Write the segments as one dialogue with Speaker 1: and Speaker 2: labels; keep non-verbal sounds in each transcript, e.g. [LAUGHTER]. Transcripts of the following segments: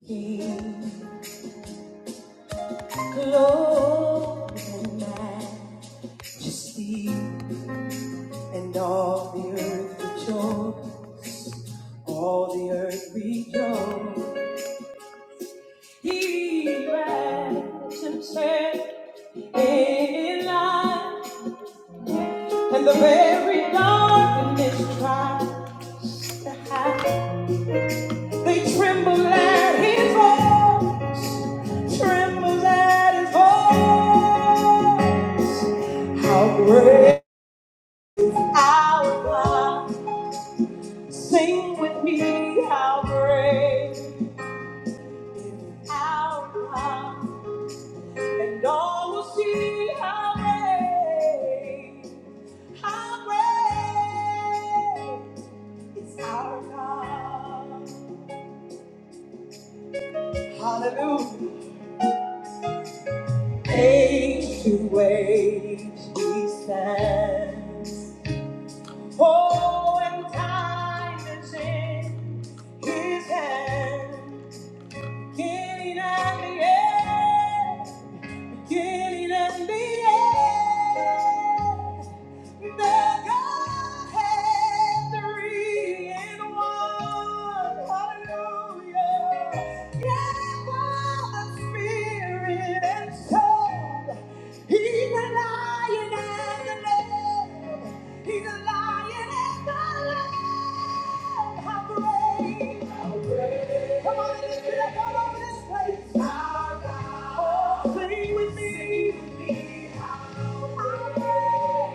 Speaker 1: He clothed majesty, and all the earth rejoiced. All the earth rejoiced. He wraps himself in light, and the very darkness tries to hide. They tremble at his voice, tremble at his voice. How great! our God! Sing with me how great, how high, and all will see how great, how great is our God. Hallelujah. Age to age he stands. Oh, and time is in his hand. Beginning and the end. beginning and the end. The Godhead, three in one. Hallelujah. Yeah, Father, Spirit, and Son. He's the Lion and the Lamb. He's the Lion and the Lamb. How great! how great. Come on and lift it up all over this place. Our God. Oh, sing with me. Sing with me. Our praise is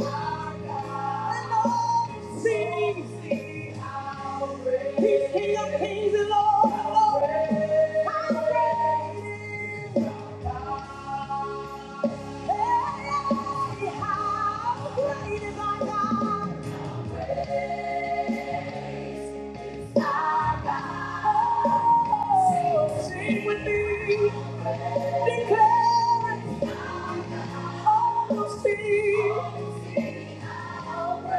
Speaker 1: our God. And all sing. Sing our praise. He's King of kings and Lord of lords. Our praise is our God. Hey, how great is our God. Praise. Sing with me, declare it.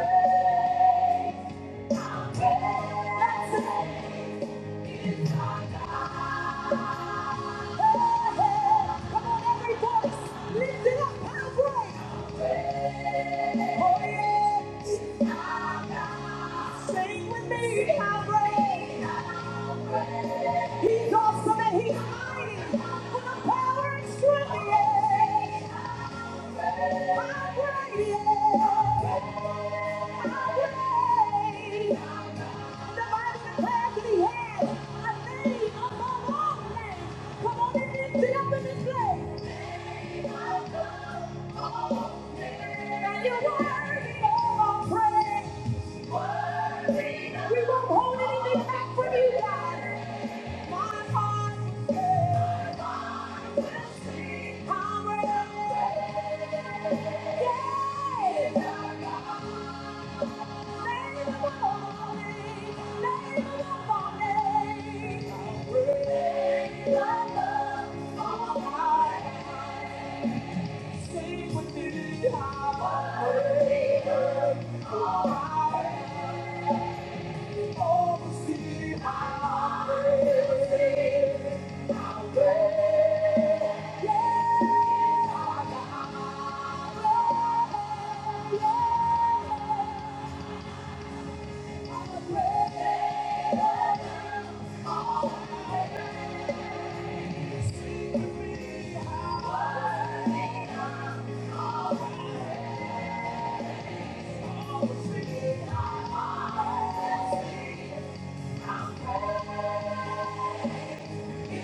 Speaker 1: Almost Come on, every voice, lift it up, halfway. Oh, yeah. Sing with me, halfway. He's awesome and he's mighty, with the power and strength. yeah. We won't hold anything back from you, God. Sing with me, I'm a believer. alright. Thank you.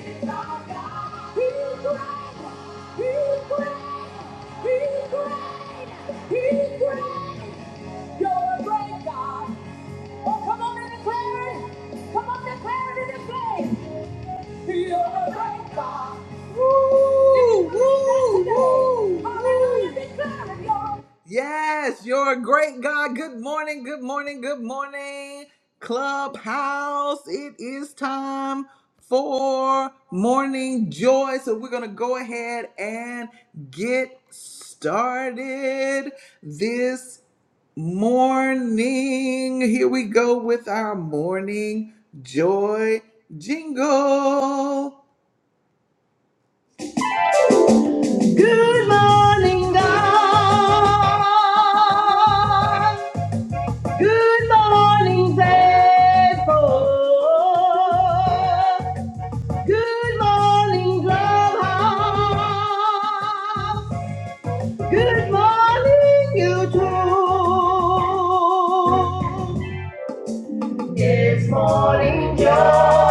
Speaker 1: He's great. You're a great God. Oh, come on and declare it. Come on, declare it in this place. You're the great God. Woo! Woo! Woo! Hallelujah. woo. Declare it, y'all. Yes, you're a great God. Good morning, good morning, good morning. Clubhouse, it is time for morning joy. So we're going to go ahead and get started. This Morning. Here we go with our morning joy jingle. Morning, God. Good morning, Clubhouse. Good morning, YouTube. It's morning joy.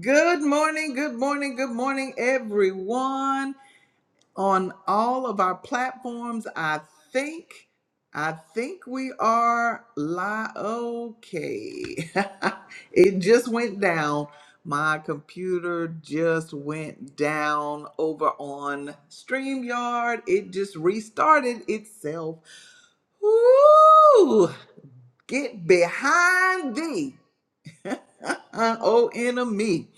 Speaker 1: Good morning, good morning, good morning, everyone. on all of our platforms. I think, I think we are live. Okay. [LAUGHS] it just went down. My computer just went down over on StreamYard. It just restarted itself. Woo! Get behind thee, [LAUGHS] oh enemy.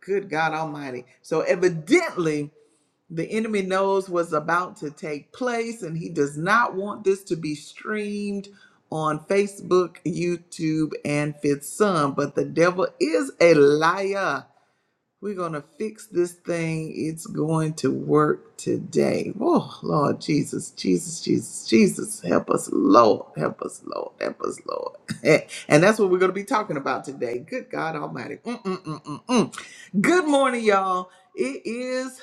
Speaker 1: Good God Almighty. So evidently, the enemy knows what's about to take place, and he does not want this to be streamed on Facebook, YouTube, and Fifth Sun. But the devil is a liar. We're going to fix this thing. It's going to work today. Oh, Lord Jesus, Jesus, Jesus, Jesus. Help us, Lord. Help us, Lord. Help us, Lord. [LAUGHS] and that's what we're going to be talking about today. Good God Almighty. Mm, mm, mm, mm, mm. Good morning, y'all. It is.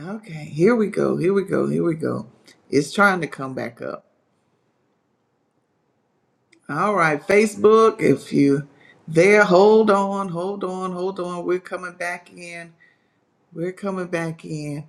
Speaker 1: Okay, here we go. Here we go. Here we go. It's trying to come back up. All right, Facebook, if you there, hold on, hold on, hold on. We're coming back in. We're coming back in.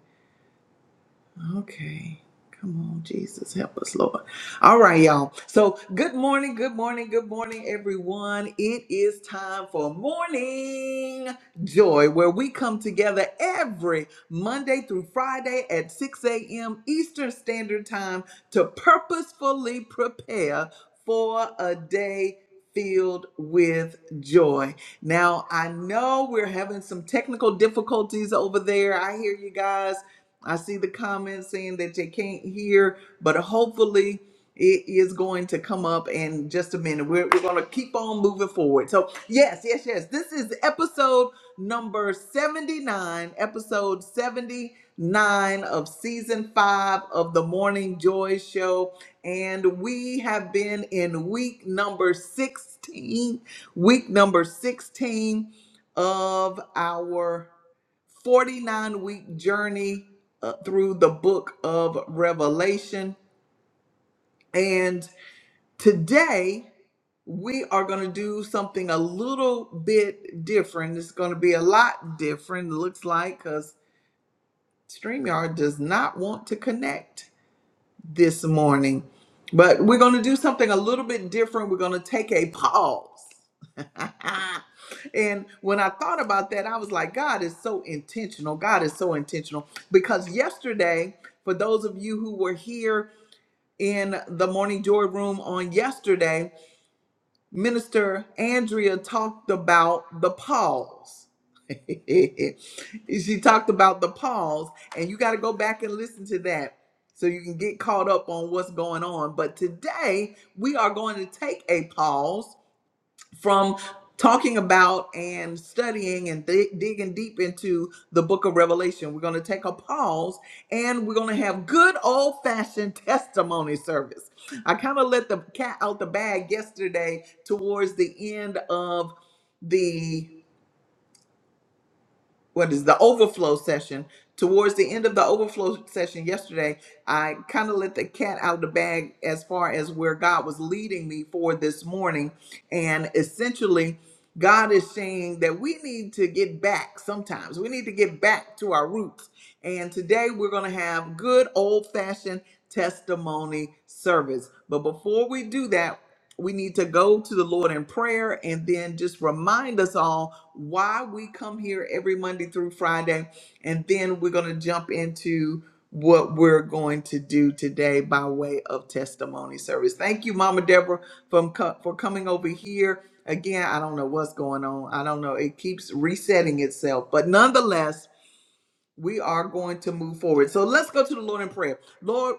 Speaker 1: Okay. Come on, Jesus. Help us, Lord. All right, y'all. So, good morning, good morning, good morning, everyone. It is time for Morning Joy, where we come together every Monday through Friday at 6 a.m. Eastern Standard Time to purposefully prepare for a day filled with joy. Now, I know we're having some technical difficulties over there. I hear you guys I see the comments saying that they can't hear, but hopefully it is going to come up in just a minute. We're, we're going to keep on moving forward. So, yes, yes, yes. This is episode number 79, episode 79 of season five of the Morning Joy Show. And we have been in week number 16, week number 16 of our 49 week journey uh, through the book of Revelation. And today we are going to do something a little bit different. It's going to be a lot different, it looks like, because StreamYard does not want to connect. this morning. But we're going to do something a little bit different. We're going to take a pause. [LAUGHS] and when I thought about that, I was like, God is so intentional. God is so intentional. Because yesterday, for those of you who were here in the Morning Joy Room on yesterday, Minister Andrea talked about the pause. [LAUGHS] she talked about the pause, and you got to go back and listen to that so you can get caught up on what's going on. But today, we are going to take a pause from talking about and studying and dig- digging deep into the book of Revelation. We're going to take a pause and we're going to have good old fashioned [LAUGHS] testimony service. I kind of let the cat out the bag yesterday towards the end of. the what is the overflow session. Towards the end of the overflow session yesterday, I kind of let the cat out of the bag as far as where God was leading me for this morning. And essentially, God is saying that we need to get back sometimes. We need to get back to our roots. And today we're going to have good old fashioned testimony service. But before we do that, we need to go to the Lord in prayer and then just remind us all why we come here every Monday through Friday. And then we're going to jump into what we're going to do today by way of testimony service. Thank you, Mama Deborah, from co- for coming over here. Again, I don't know what's going on. I don't know. It keeps resetting itself. But nonetheless, we are going to move forward. So let's go to the Lord in prayer. Lord.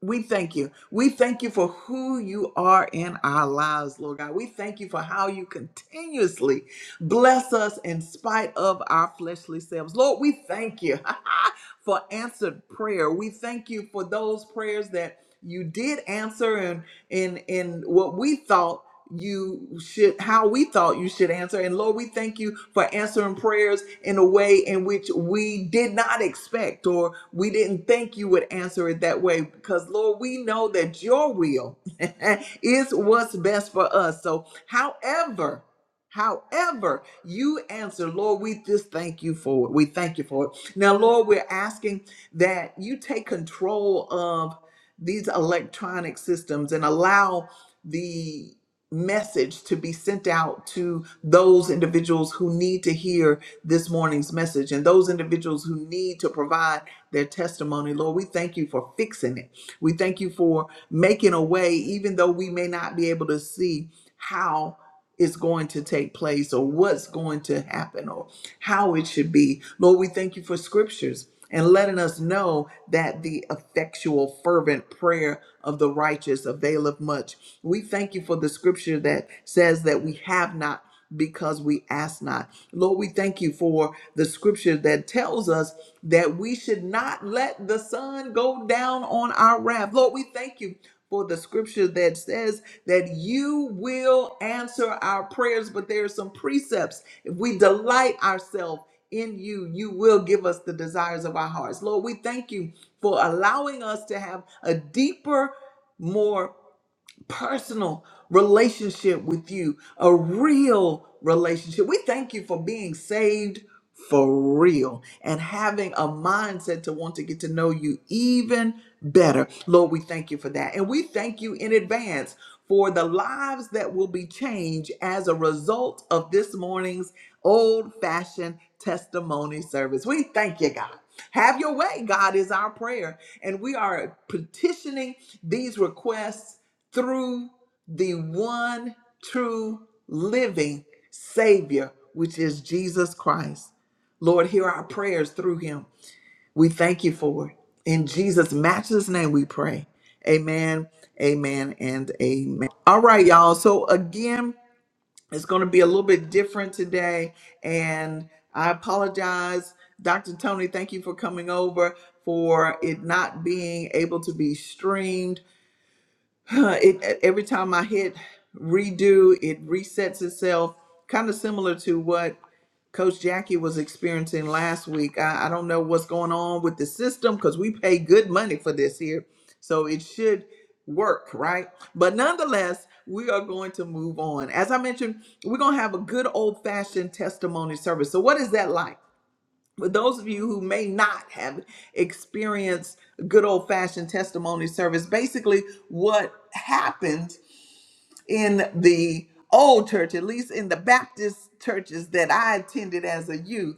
Speaker 1: We thank you. We thank you for who you are in our lives, Lord God. We thank you for how you continuously bless us in spite of our fleshly selves. Lord, we thank you [LAUGHS] for answered prayer. We thank you for those prayers that you did answer and in in what we thought you should how we thought you should answer and lord we thank you for answering prayers in a way in which we did not expect or we didn't think you would answer it that way because lord we know that your will [LAUGHS] is what's best for us so however However, you answer, Lord, we just thank you for it. We thank you for it. Now, Lord, we're asking that you take control of these electronic systems and allow the message to be sent out to those individuals who need to hear this morning's message and those individuals who need to provide their testimony. Lord, we thank you for fixing it. We thank you for making a way, even though we may not be able to see how it's going to take place or what's going to happen Or how it should be. Lord, we thank you for scriptures and letting us know that the effectual, fervent prayer of the righteous availeth much. We thank you for the scripture that says that we have not because we ask not. Lord, we thank you for the scripture that tells us that we should not let the sun go down on our wrath. Lord, we thank you for the scripture that says that you will answer our prayers, but there are some precepts if we delight ourselves in you, you will give us the desires of our hearts. Lord, we thank you for allowing us to have a deeper, more deep personal relationship with you, a real relationship. We thank you for being saved for real and having a mindset to want to get to know you even better. Lord, we thank you for that. And we thank you in advance for the lives that will be changed as a result of this morning's old fashioned testimony service. We thank you, God. Have your way, God, is our prayer. And we are petitioning these requests through the one true living Savior, which is Jesus Christ. Lord, hear our prayers through him. We thank you for it. In Jesus' matchless name, we pray. Amen, amen, and amen. All right, y'all. So, again, it's going to be a little bit different today. And I apologize, Dr. Tony, thank you for coming over, for it not being able to be streamed [LAUGHS] Huh, it e, every time I hit redo, it resets itself, kind of similar to what Coach Jackie was experiencing last week. I, I don't know what's going on with the system because we pay good money for this here. So it should work, right? But nonetheless, we are going to move on. As I mentioned, we're going to have a good old fashioned testimony service. So, what is that like? for those of you who may not have experienced good old fashioned testimony service, basically what happened in the old church, at least in the Baptist churches that I attended as a youth,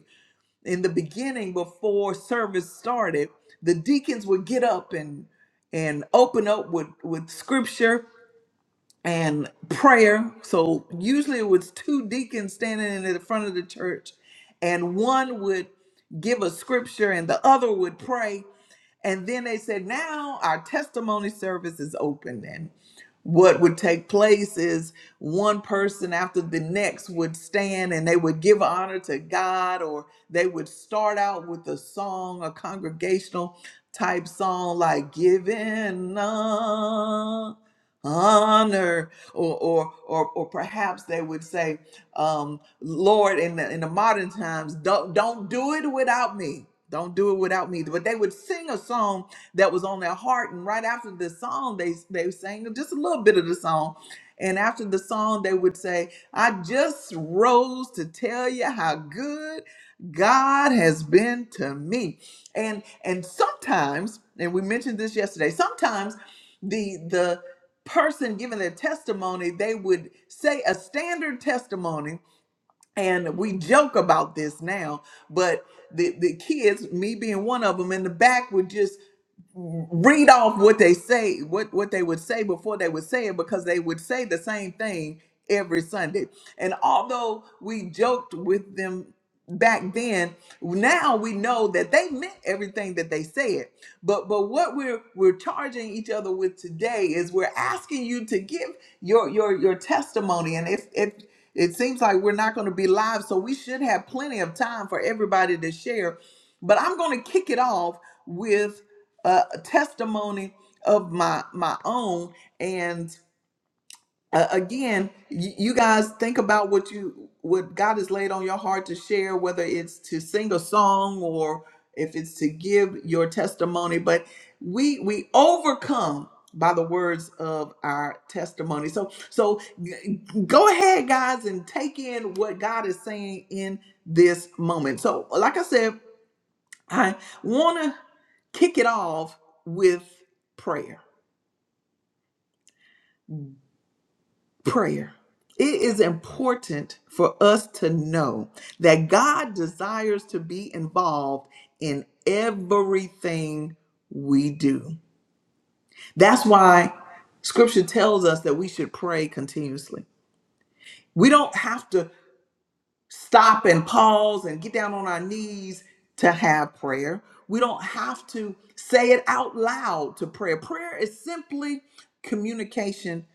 Speaker 1: in the beginning before service started, the deacons would get up and and open up with, with scripture and prayer. So usually it was two deacons standing in the front of the church, and one would give a scripture and the other would pray. And then they said, Now our testimony service is open. And what would take place is one person after the next would stand and they would give honor to God, or they would start out with a song, a congregational type song like Giving honor or or or, or perhaps they would say um lord in the in the modern times don't don't do it without me don't do it without me but they would sing a song that was on their heart and right after the song they they sang just a little bit of the song and after the song they would say i just rose to tell you how good god has been to me and and sometimes and we mentioned this yesterday sometimes person giving their testimony, they would say a standard testimony. And we joke about this now, but the, the kids, me being one of them in the back, would just read off what they say, what what they would say before they would say it, because they would say the same thing every Sunday. And although we joked with them back then, now we know that they meant everything that they said. But but what we're we're charging each other with today is we're asking you to give your your your testimony. And if if it seems like we're not going to be live, so we should have plenty of time for everybody to share. But I'm going to kick it off uh, testimony of my my own and uh, again you, you guys think about what you what god has laid on your heart to share whether it's to sing a song or if it's to give your testimony but we we overcome by the words of our testimony so so g- go ahead guys and take in what god is saying in this moment so like i said I want to kick it off with prayer. Prayer. It is important for us to know that God desires to be involved in everything we do. That's why scripture tells us that we should pray continuously. We don't have to stop and pause and get down on our knees to have prayer. We don't have to say it out loud to prayer. Prayer is simply communication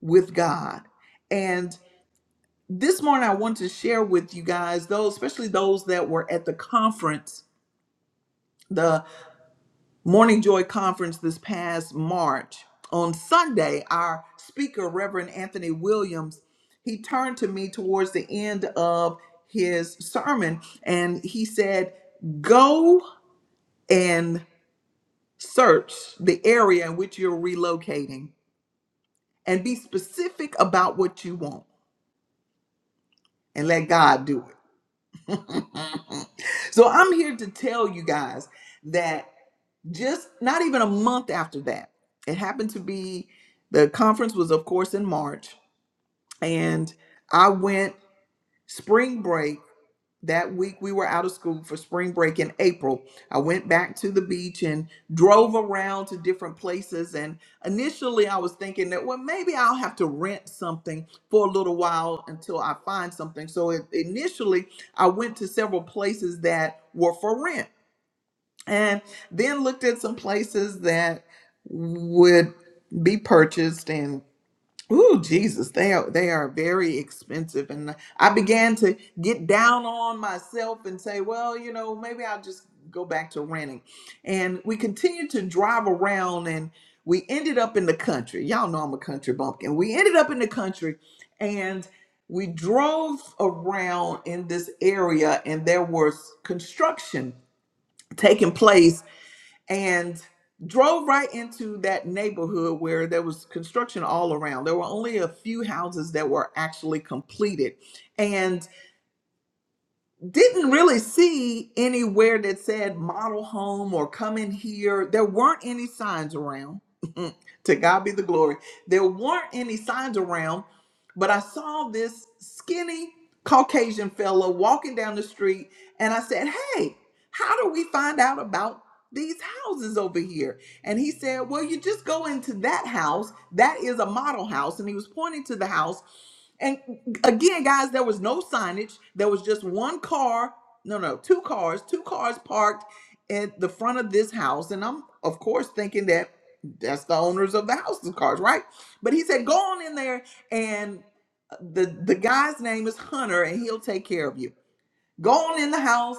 Speaker 1: with God. And this morning I want to share with you guys those especially those that were at the conference the. Morning Joy Conference this past March. On Sunday, our speaker, Reverend Anthony Williams, he turned to me towards the end of his sermon and he said, Go and search the area in which you're relocating and be specific about what you want and let God do it. [LAUGHS] so I'm here to tell you guys that. just not even a month after that. It happened to be the conference was, of course, in March, and I went spring break. That week we were out of school for spring break in April. I went back to the beach and drove around to different places. And initially I was thinking that, well, maybe I'll have to rent something for a little while until I find something. So it, initially I went to several places that were for rent and then looked at some places that would be purchased and oh jesus they are they are very expensive and i began to get down on myself and say well you know maybe i'll just go back to renting and we continued to drive around and we ended up in the country y'all know i'm a country bumpkin we ended up in the country and we drove around in this area and there was construction taking place and drove right into that neighborhood where there was construction all around. There were only a few houses that were actually completed. and didn't really see anywhere that said model home or come in here. There weren't any signs around. [LAUGHS] to God be the glory. There weren't any signs around, but I saw this skinny Caucasian fellow walking down the street and I said, Hey, how do we find out about these houses over here? And he said, Well, you just go into that house. That is a model house. And he was pointing to the house Again, guys, there was no signage. There was just one car, no, no, two cars, two cars parked at the front of this house. And I'm, of course, thinking that that's the owners of the house's cars, right? But he said, go on in there and uh, the the guy's name is Hunter and he'll take care of you. Go on in the house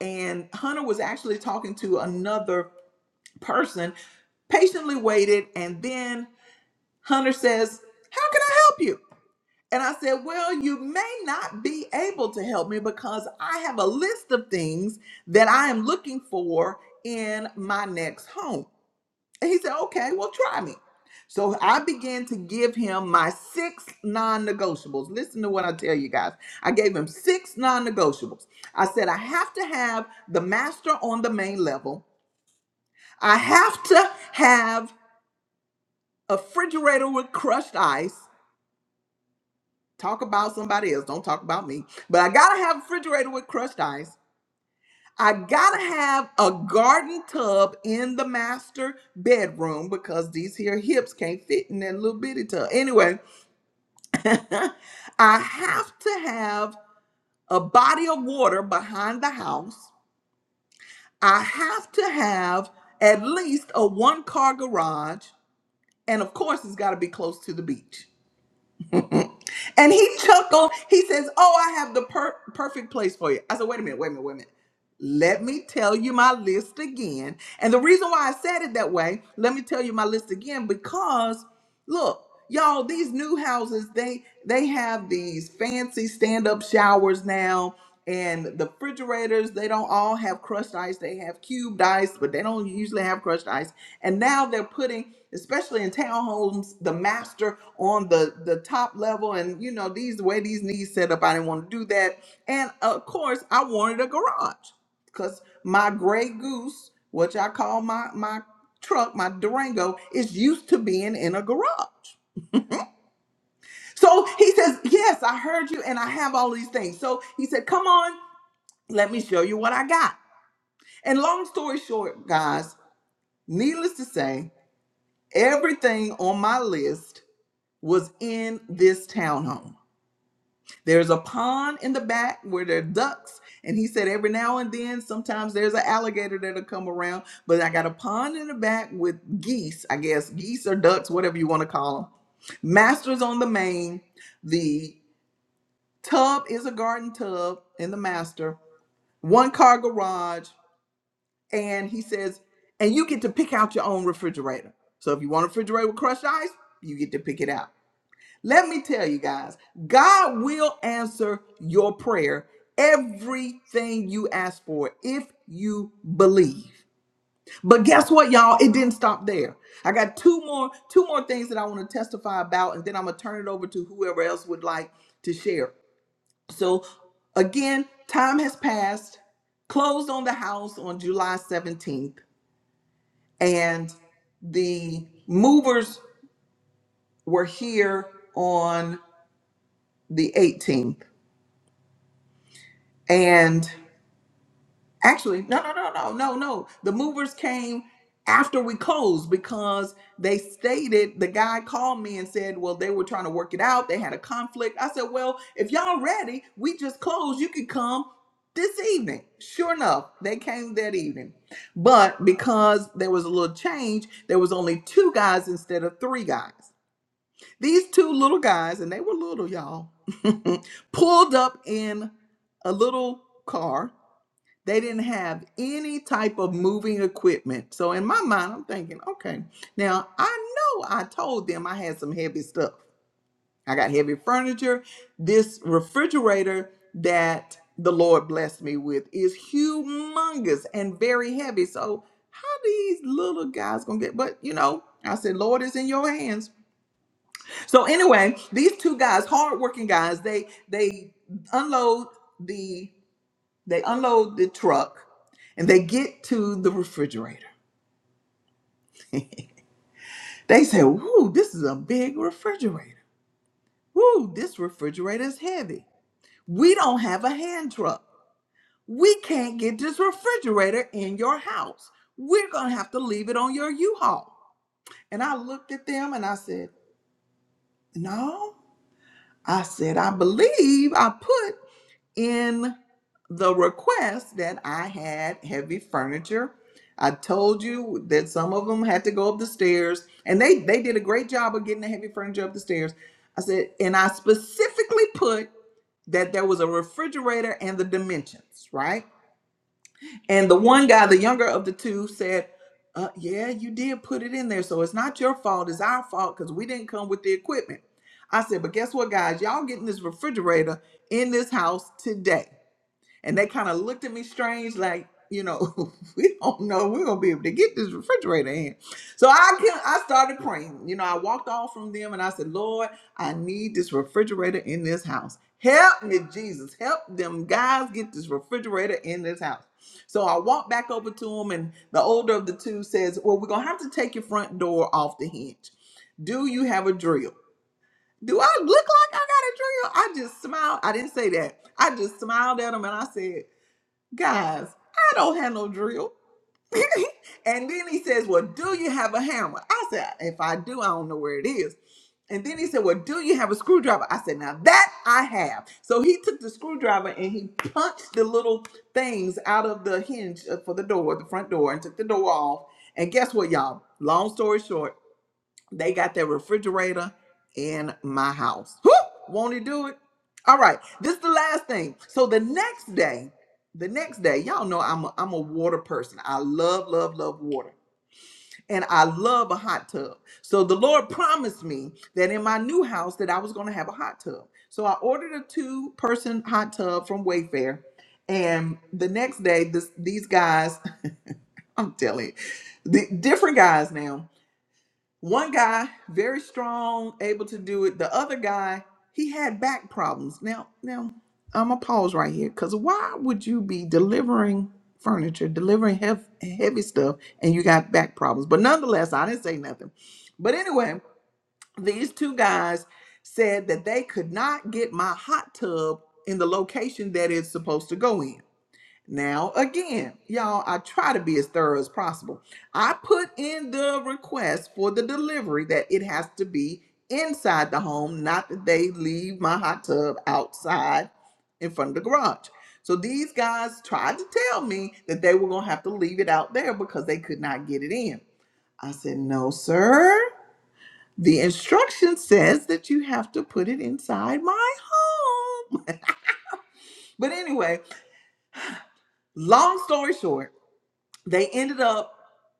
Speaker 1: and Hunter was actually talking to another person, patiently waited and then Hunter says, "How can I help you?" And I said, Well, you may not be able to help me because I have a list of things that I am looking for in my next home. And he said, Okay, well, try me. So I began to give him my six non negotiables. Listen to what I tell you guys. I gave him six non negotiables. I said, I have to have the master on the main level, I have to have a refrigerator with crushed ice. Talk about somebody else. Don't talk about me. But I gotta have a refrigerator with crushed ice. I gotta have a garden tub in the master bedroom because these here hips can't fit in that little bitty tub. Anyway, [LAUGHS] I have to have a body of water behind the house. I have to have at least a one car garage. And of course, it's gotta be close to the beach. And he [LAUGHS] chuckled. He says, Oh, I have the per- perfect place for you. I said, Wait a minute, wait a minute, wait a minute. Let me tell you my list again. And the reason why I said it that way, let me tell you my list again because look, y'all, these new houses, they they have these fancy stand-up showers now and the refrigerators, they don't all have crushed ice. They have cubed ice, but they don't usually have crushed ice. And now they're putting, especially in townhomes, the master on the the top level and you know, these the way these needs set up, I didn't want to do that. And of course, I wanted a garage because my gray goose, which I call my my truck, my Durango, is used to being in a garage. So he says, Yes, I heard you and I have all these things. So he said, Come on, let me show you what I got. And long story short, guys, needless to say, everything on my list was in this townhome. There's a pond in the back where there are ducks. And he said every now and then, sometimes there's an alligator that'll come around. But I got a pond in the back with geese, I guess, geese or ducks, whatever you want to call them. Master's on the main. The tub is a garden tub in the master, one car garage. And he says, and you get to pick out your own refrigerator. So if you want a refrigerator with crushed ice, you get to pick it out. Let me tell you guys, God will answer your prayer, everything you ask for, if you believe. But guess what, y'all? It didn't stop there. I got two more, two more things that I want to testify about, and then I'm gonna turn it over to whoever else would like to share. So again, time has passed. Closed on the house on July 17th, and the movers were here on the 18th. And actually, no, no, no, no, no, no. The movers came after we closed because they stated the guy called me and said, well, they were trying to work it out. They had a conflict. I said, well, if y'all ready, we just closed. You can come this evening. Sure enough, they came that evening. But because there was a little change, there was only two guys instead of three guys. These two little guys, and they were little, y'all, [LAUGHS] pulled up in a little car they didn't have any type of moving equipment. So in my mind, I'm thinking, okay, now I know I told them I had some heavy stuff. I got heavy furniture. This refrigerator that the Lord blessed me with is humongous and very heavy. So how these little guys gonna get? But you know, I said, Lord, it's in your hands. So anyway, these two guys, hardworking guys, they they unload the. They unload the truck and they get to the refrigerator. They say, Woo, this is a big refrigerator. Woo, this refrigerator is heavy. We don't have a hand truck. We can't get this refrigerator in your house. We're going to have to leave it on your U Haul. And I looked at them and I said, No. I said, I believe I put in the request that I had heavy furniture. I told you that some of them had to go up the stairs, and they they did a great job of getting the heavy furniture up the stairs. I said, and I specifically put that there was a refrigerator and the dimensions, right? And the one guy, the younger of the two, said, uh, "Yeah, you did put it in there, so it's not your fault. It's our fault because we didn't come with the equipment." I said, "But guess what, guys? Y'all getting this refrigerator in this house today." And they kind of looked at me strange, like, you know, [LAUGHS] we don't know if we're gonna be able to get this refrigerator in. So I can I started praying. You know, I walked off from them and I said, Lord, I need this refrigerator in this house. Help me, Jesus. Help them guys get this refrigerator in this house. So I walked back over to them, and the older of the two says, Well, we're gonna have to take your front door off the hinge. Do you have a drill? Do I look like I got a drill? I just smiled. I didn't say that. I just smiled at him and I said, guys, I don't have no drill. [LAUGHS] and then he says, Well, do you have a hammer? I said, If I do, I don't know where it is. And then he said, Well, do you have a screwdriver? I said, Now that I have. So he took the screwdriver and he punched the little things out of the hinge uh, for the door, the front door, and took the door off. And guess what, y'all? Long story short, they got their refrigerator in my house. Whew! Won't he do it? All right. This is the last thing. So the next day, the next day, y'all know I'm a, I'm a water person. I love, love, love water. And I love a hot tub. So the Lord promised me that in my new house that I was going to have a hot tub. So I ordered a two-person hot tub from Wayfair. And the next day, this these guys, [LAUGHS] I'm telling you, the different guys now one guy, very strong, able to do it. The other guy, he had back problems. Now, now I'm gonna pause right here because why would you be delivering furniture, delivering hev- heavy stuff, and you got back problems? But nonetheless, I didn't say nothing. But anyway, these two guys said that they could not get my hot tub in the location that it's supposed to go in. Now, again, y'all, I try to be as thorough as possible. I put in the request for the delivery that it has to be inside the home, not that they leave my hot tub outside in front of the garage. So these guys tried to tell me that they were going to have to leave it out there because they could not get it in. I said, "No, sir. The instruction says that you have to put it inside my home." [LAUGHS] but anyway, long story short, they ended up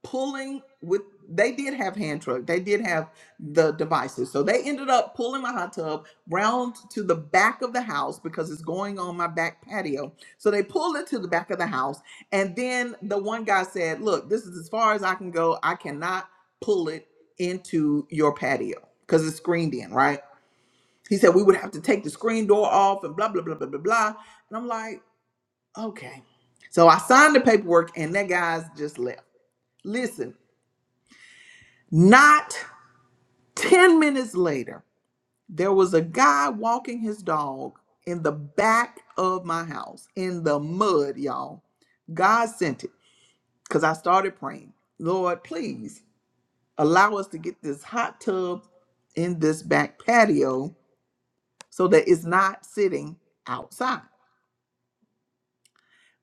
Speaker 1: pulling with they did have hand truck they did have the devices so they ended up pulling my hot tub round to the back of the house because it's going on my back patio so they pulled it to the back of the house and then the one guy said look this is as far as i can go i cannot pull it into your patio because it's screened in right he said we would have to take the screen door off and blah blah blah blah blah blah and i'm like okay so i signed the paperwork and that guy's just left Listen, not 10 minutes later, there was a guy walking his dog in the back of my house in the mud, y'all. God sent it because I started praying, Lord, please allow us to get this hot tub in this back patio so that it's not sitting outside.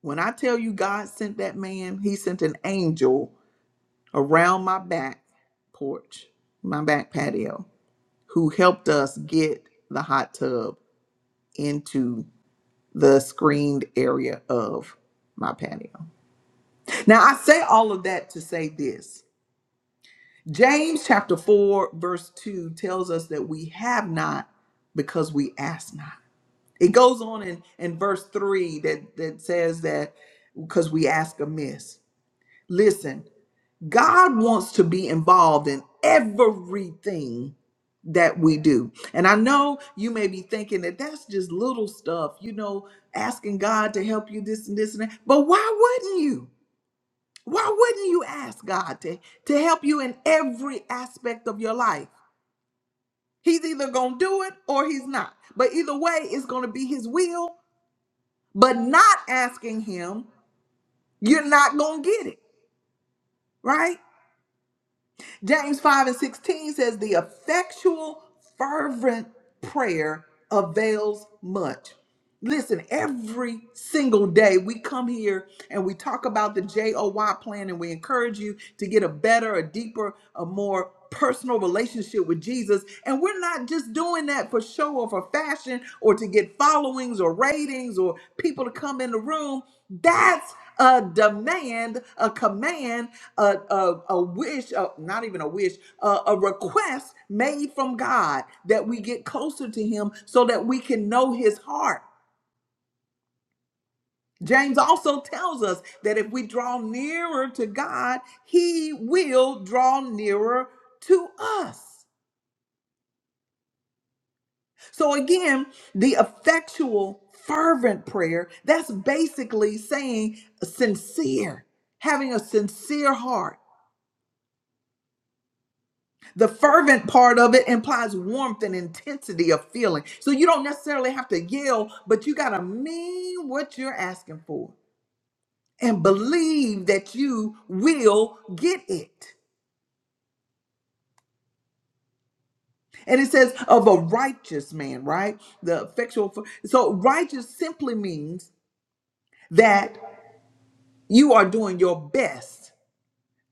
Speaker 1: When I tell you God sent that man, he sent an angel around my back porch, my back patio. who helped us get the hot tub into the screened area of my patio. Now, I say all of that to say this James chapter 4, verse 2 tells us that we have not because we ask not. It goes on in, in verse 3 that, that says that because we ask amiss. Listen, God wants to be involved in everything that we do. And I know you may be thinking that that's just little stuff, you know, asking God to help you this and this and that. But why wouldn't you? Why wouldn't you ask God to, to help you in every aspect of your life? He's either going to do it or he's not. But either way, it's going to be his will. But not asking him, you're not going to get it, right? James 5 and 16 says, The effectual, fervent prayer avails much. Listen, every single day we come here and we talk about the JOY plan and we encourage you to get a better, a deeper, a more personal relationship with Jesus. And we're not just doing that for show or for fashion or to get followings or ratings or people to come in the room. That's a demand, a command, a, a, a wish, a, not even a wish, a, a request made from God that we get closer to Him so that we can know His heart. James also tells us that if we draw nearer to God, he will draw nearer to us. So again, the effectual, fervent prayer, that's basically saying sincere, having a sincere heart. The fervent part of it implies warmth and intensity of feeling. So you don't necessarily have to yell, but you got to mean what you're asking for and believe that you will get it. And it says of a righteous man, right? The effectual. So righteous simply means that you are doing your best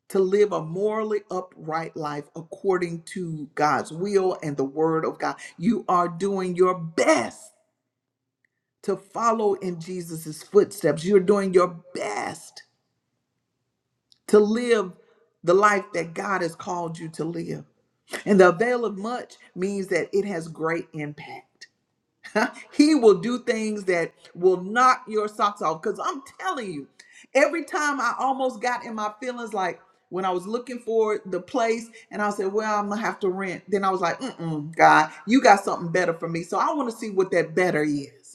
Speaker 1: to live a morally upright life according to God's will and the word of God. You are doing your best to follow in Jesus's footsteps. You're doing your best to live the life that God has called you to live. And the avail of much means that it has great impact. [LAUGHS] he will do things that will knock your socks off. Because I'm telling you, every time I almost got in my feelings, like when I was looking for the place and I said, well, I'm going to have to rent. Then I was like, mm God, you got something better for me. So I want to see what that better is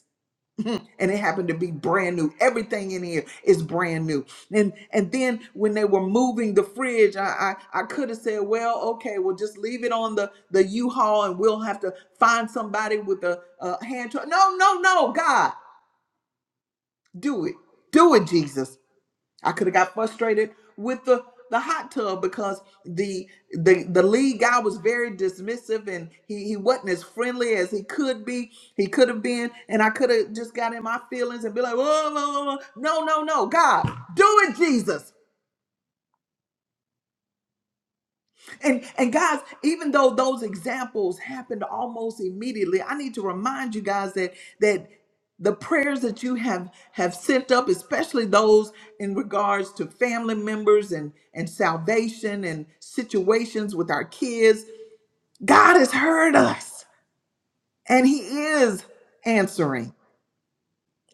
Speaker 1: and it happened to be brand new. Everything in here is brand new. And and then when they were moving the fridge, I I, I could have said, well, okay, well just leave it on the the U-Haul, and we'll have to find somebody with a, a hand truck. No, no, no, God, do it, do it, Jesus I could have got frustrated with the the hot tub because the the the lead guy was very dismissive and he he wasn't as friendly as he could be. He could have been, and I could have just got in my feelings and be like, whoa, whoa, whoa, whoa. no, no, no, God, do it, Jesus. And and guys, even though those examples happened almost immediately, I need to remind you guys that that the prayers that you have have sent up, especially those in regards to family members and and salvation and situations with our kids, God has heard us and he is answering.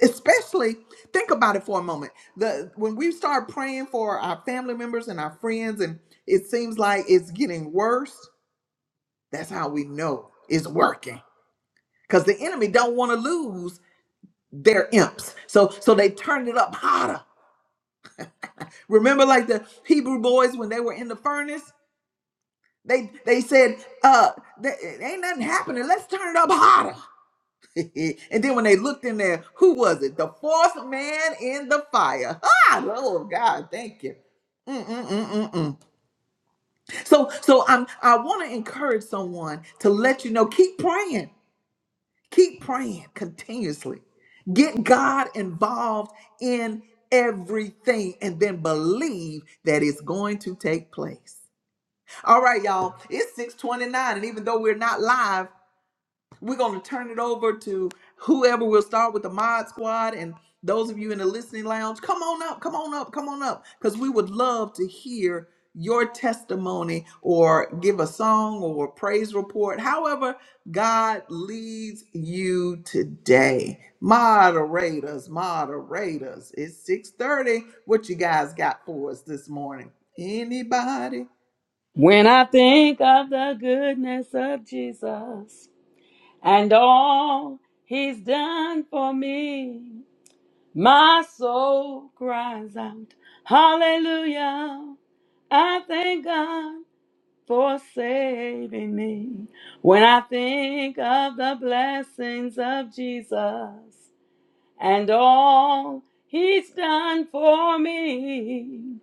Speaker 1: Especially think about it for a moment. The when we start praying for our family members and our friends and it seems like it's getting worse That's how we know it's working. Because the enemy don't want to lose their imps. So so they turned it up hotter. Remember like the Hebrew boys when they were in the furnace? They they said, uh, th- it ain't nothing happening. Let's turn it up hotter. [LAUGHS] and then when they looked in there, who was it? The fourth man in the fire. [LAUGHS] Ah, Lord God, thank you. Mm, mm, mm, mm, mm. So so I'm I want to encourage someone to let you know, keep praying Keep praying continuously. Get God involved in everything and then believe that it's going to take place. All right, y'all. It's 629. And even though we're not live, we're going to turn it over to whoever we will start with the mod squad and those of you in the listening lounge, come on up, come on up, come on up because we would love to hear your testimony or give a song or a praise report. However, God leads you today. Moderators, moderators, it's 6:30. What you guys got for us this morning? Anybody?
Speaker 2: When I think of the goodness of Jesus and all he's done for me, my soul cries out, Hallelujah! I thank God for saving me. When I think of the blessings of Jesus and all he's done for me.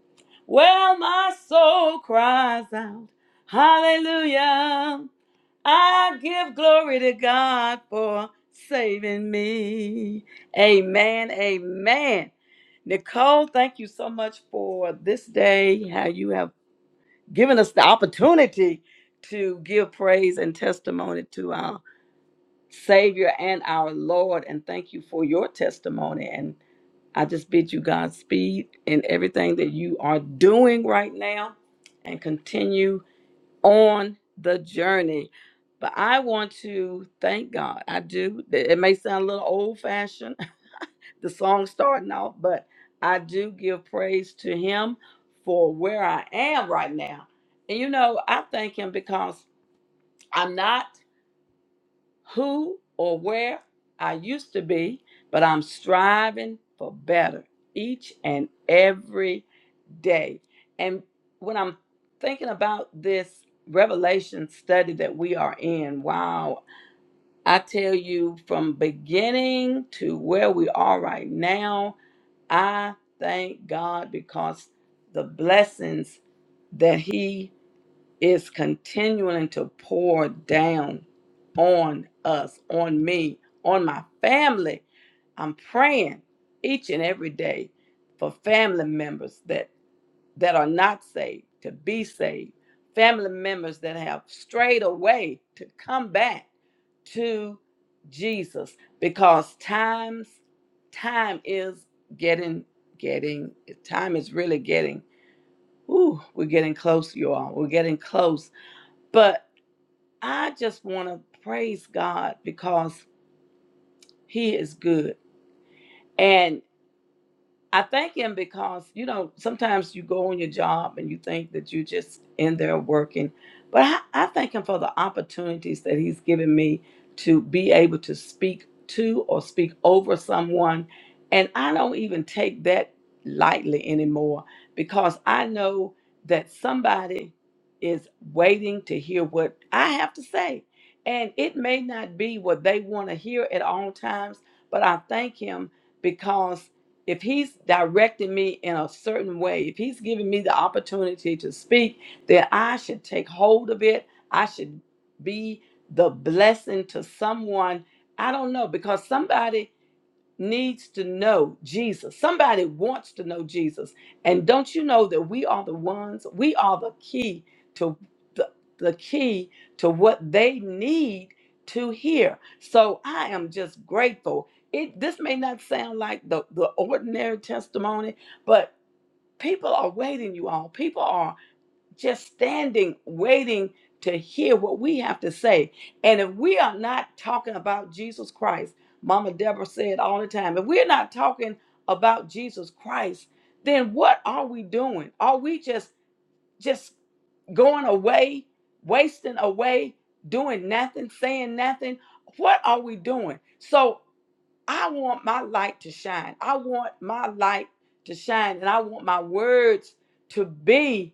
Speaker 2: Well, my soul cries out, Hallelujah. I give glory to God for saving me. Amen. Amen. Nicole, thank you so much for this day, how you have given us the opportunity to give praise and testimony to our Savior and our Lord. And thank you for your testimony. and. I just bid you Godspeed in everything that you are doing right now and continue on the journey. But I want to thank God. I do. It may sound a little old fashioned, [LAUGHS] the song starting off, but I do give praise to Him for where I am right now. And you know, I thank Him because I'm not who or where I used to be, but I'm striving for better each and every day. And when I'm thinking about this revelation study that we are in, wow, I tell you from beginning to where we are right now, I thank God because the blessings that He is continuing to pour down on us, on me, on my family. I'm praying each and every day for family members that that are not saved to be saved, family members that have strayed away to come back to Jesus because times time is getting getting time is really getting ooh we're getting close you all we're getting close but I just want to praise God because he is good and. I thank him because you know sometimes you go on your job and you think that you just in there working, but I, I thank him for the opportunities that he's given me to be able to speak to or speak over someone, and I don't even take that lightly anymore because I know that somebody is waiting to hear what I have to say, and it may not be what they want to hear at all times, but I thank him. Because if he's directing me in a certain way, if he's giving me the opportunity to speak, then I should take hold of it. I should be the blessing to someone. I don't know because somebody needs to know Jesus. Somebody wants to know Jesus. And don't you know that we are the ones, we are the key to the, the key to what they need to hear. So I am just grateful. It this may not sound like the, the ordinary testimony, but people are waiting, you all. People are just standing, waiting to hear what we have to say. And if we are not talking about Jesus Christ, Mama Deborah said all the time, if we're not talking about Jesus Christ, then what are we doing? Are we just just going away, wasting away, doing nothing, saying nothing. What are we doing? So I want my light to shine. I want my light to shine, and I want my words to be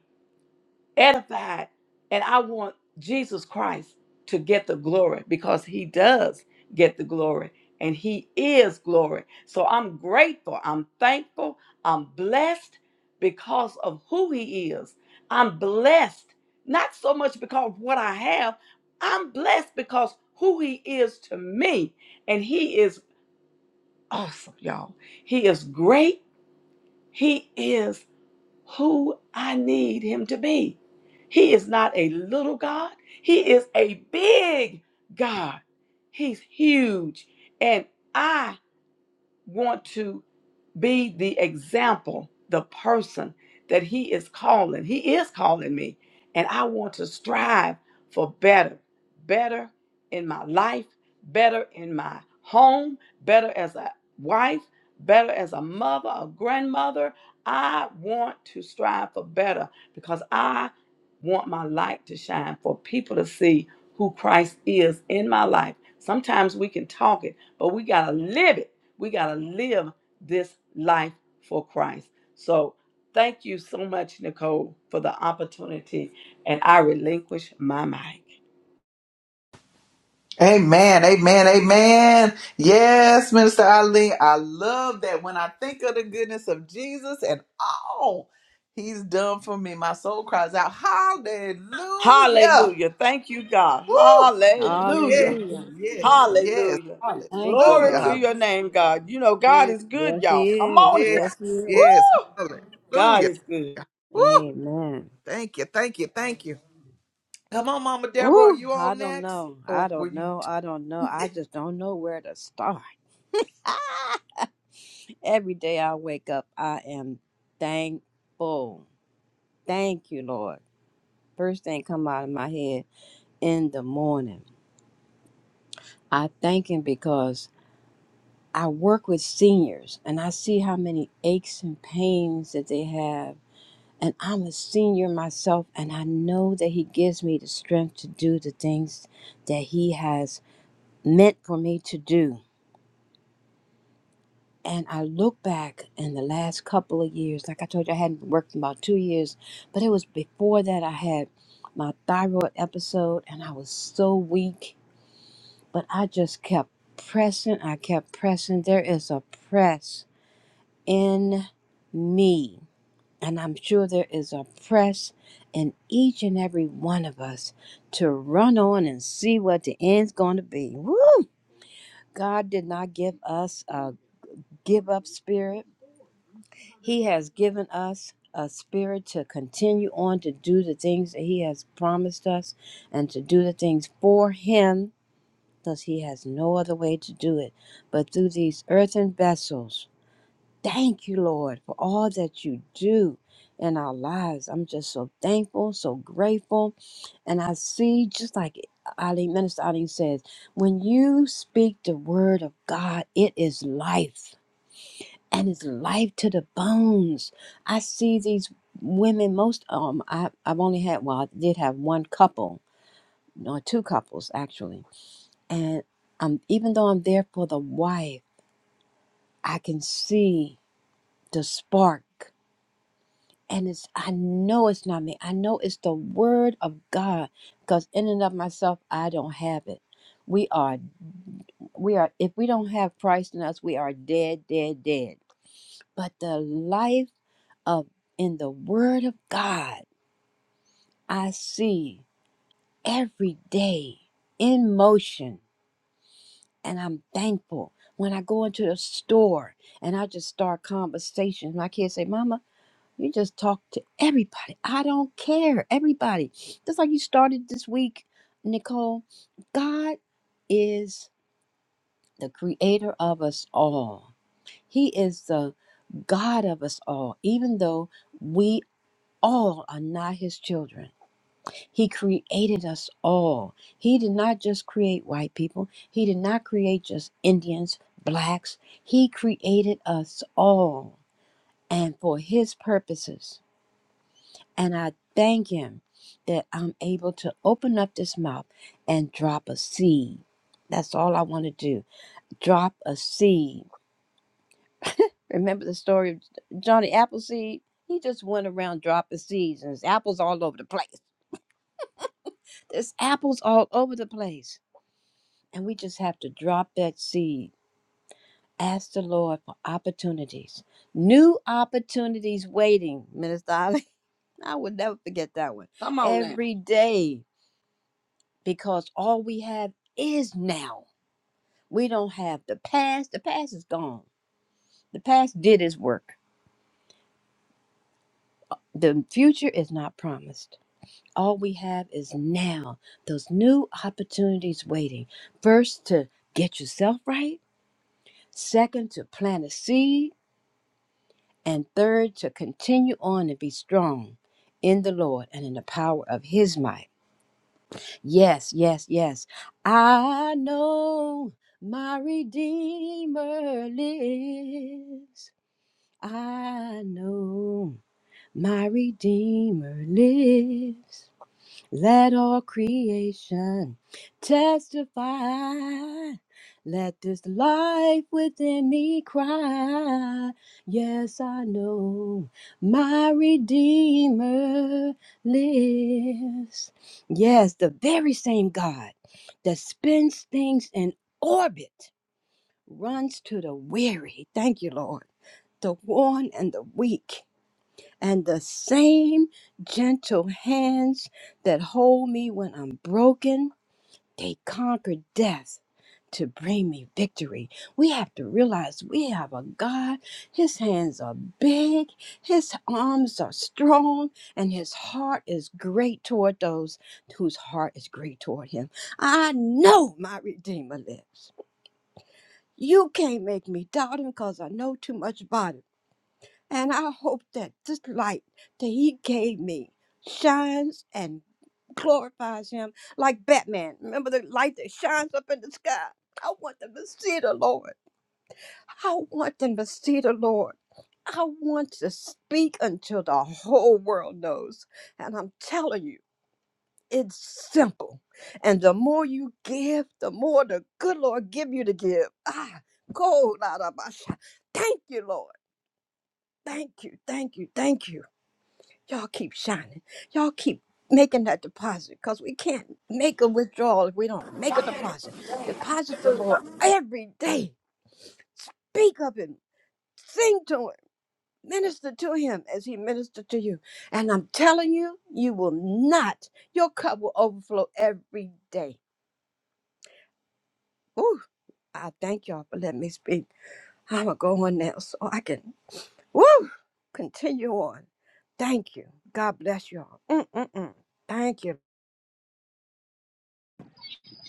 Speaker 2: edified and I want Jesus Christ to get the glory because he does get the glory and he is glory. So I'm grateful, I'm thankful, I'm blessed because of who he is. I'm blessed not so much because of what I have. I'm blessed because who he is to me and he is awesome, y'all. He is great. He is who I need him to be. He is not a little God, he is a big God. He's huge. And I want to be the example, the person that He is calling. He is calling me, and I want to strive for better, better in my life, better in my home, better as a wife, better as a mother, a grandmother. I want to strive for better because I want my light to shine for people to see who Christ is in my life. Sometimes we can talk it, but we got to live it. We got to live this life for Christ. So thank you so much, Nicole, for the opportunity, and I relinquish my mic.
Speaker 1: Amen, amen, amen. Yes, Minister Eileen, I love that. When I think of the goodness of Jesus and all he's done for me, my soul cries out, Hallelujah!
Speaker 2: Hallelujah. Thank you, God.
Speaker 1: Woo! Yes,
Speaker 2: Hallelujah.
Speaker 3: Hallelujah.
Speaker 1: yes, yes.
Speaker 2: Hallelujah.
Speaker 3: Thank you,
Speaker 2: Glory
Speaker 1: Hallelujah.
Speaker 2: to
Speaker 1: hall-
Speaker 3: Lord.
Speaker 2: your name, God. You know, God
Speaker 1: Yes,
Speaker 2: is good,
Speaker 3: Yes,
Speaker 2: y'all.
Speaker 3: He
Speaker 2: Come on
Speaker 3: is.
Speaker 1: yes,
Speaker 2: here.
Speaker 3: Yes, He
Speaker 2: Woo!
Speaker 3: is.
Speaker 1: yes.
Speaker 2: God
Speaker 1: Hallelujah.
Speaker 2: is good.
Speaker 1: Woo!
Speaker 3: Amen.
Speaker 1: Thank you, thank you, thank you. Come on, Mama Deborah, are
Speaker 3: Ooh,
Speaker 1: you
Speaker 3: I
Speaker 1: on
Speaker 3: don't
Speaker 1: next?
Speaker 3: know. I
Speaker 1: Or were
Speaker 3: don't
Speaker 1: you?
Speaker 3: know. I don't know. I just don't know where to start. [LAUGHS] Ah! Every day I wake up, I am thankful. Thank you, Lord. First thing come out of my head in the morning. I thank Him because I work with seniors and I see how many aches and pains that they have and I'm a senior myself, and I know that He gives me the strength to do the things that He has meant for me to do. And I look back in the last couple of years, like I told you, I hadn't worked in about two years, but it was before that I had my thyroid episode, and I was so weak, but I just kept pressing. I kept pressing. There is a press in me And I'm sure there is a press in each and every one of us to run on and see what the end's going to be. Woo! God did not give us a give up spirit, He has given us a spirit to continue on to do the things that He has promised us and to do the things for Him because He has no other way to do it but through these earthen vessels Thank you, Lord, for all that you do in our lives. I'm just so thankful, so grateful. And I see, just like Ali, Minister Ali says, when you speak the word of God, it is life and it's life to the bones. I see these women, most um, I, I've only had, well, I did have one couple, no, two couples actually. And um, even though I'm there for the wife, I can see the spark And it's, I know it's not me. I know it's the word of God because in and of myself, I don't have it. We are, we are, if we don't have Christ in us, we are dead, dead, dead. But the life of in the word of God, I see every day in motion. And I'm thankful when I go into the store and I just start conversation. My kids say, Mama. You just talk to everybody. I don't care. Everybody. Just like you started this week, Nicole. God is the creator of us all. He is the God of us all, even though we all are not his children. He created us all. He did not just create white people, he did not create just Indians, blacks. He created us all and for his purposes. And I thank Him that I'm able to open up this mouth and drop a seed. That's all I want to do. Drop a seed. Remember the story of Johnny Appleseed? He just went around dropping seeds, and there's apples all over the place. There's apples all over the place. And we just have to drop that seed. Ask the Lord for opportunities. New opportunities waiting, Minister Holly. [LAUGHS] I would never forget that one.
Speaker 2: Come on now.
Speaker 3: Every day. because all we have is now. We don't have the past. The past is gone. The past did its work. The future is not promised. All we have is now. Those new opportunities waiting. First, to get yourself right. Second, to plant a seed. And third, to continue on and be strong in the Lord and in the power of His might. Yes, yes, yes. I know my Redeemer lives. I know my Redeemer lives. Let all creation testify. Let this life within me cry. Yes, I know my Redeemer lives. Yes, the very same God that spins things in orbit runs to the weary. Thank you, Lord. The worn and the weak and the same gentle hands that hold me when I'm broken, they conquer death to bring me victory. We have to realize we have a God. His hands are big, his arms are strong, and his heart is great toward those whose heart is great toward him. I know my Redeemer lives. You can't make me doubt him because I know too much about him. And I hope that this light that he gave me shines and glorifies him like Batman. Remember the light that shines up in the sky? I want them to see the Lord. I want them to see the Lord. I want to speak until the whole world knows. And I'm telling you, it's simple. And the more you give, the more the good Lord give you to give. Ah, go, la, la, ba, sha. Thank you, Lord. Thank you, thank you, thank you. Y'all keep shining. Y'all keep making that deposit because we can't make a withdrawal if we don't make a deposit. Deposit the Lord every day. Speak of Him, sing to Him, minister to Him as He ministered to you. And I'm telling you, you will not. Your cup will overflow every day. Woo! I thank y'all for letting me speak. I'm going to go on now so I can, woo, continue on. Thank you. God bless y'all. Mm-mm-mm. Thank you.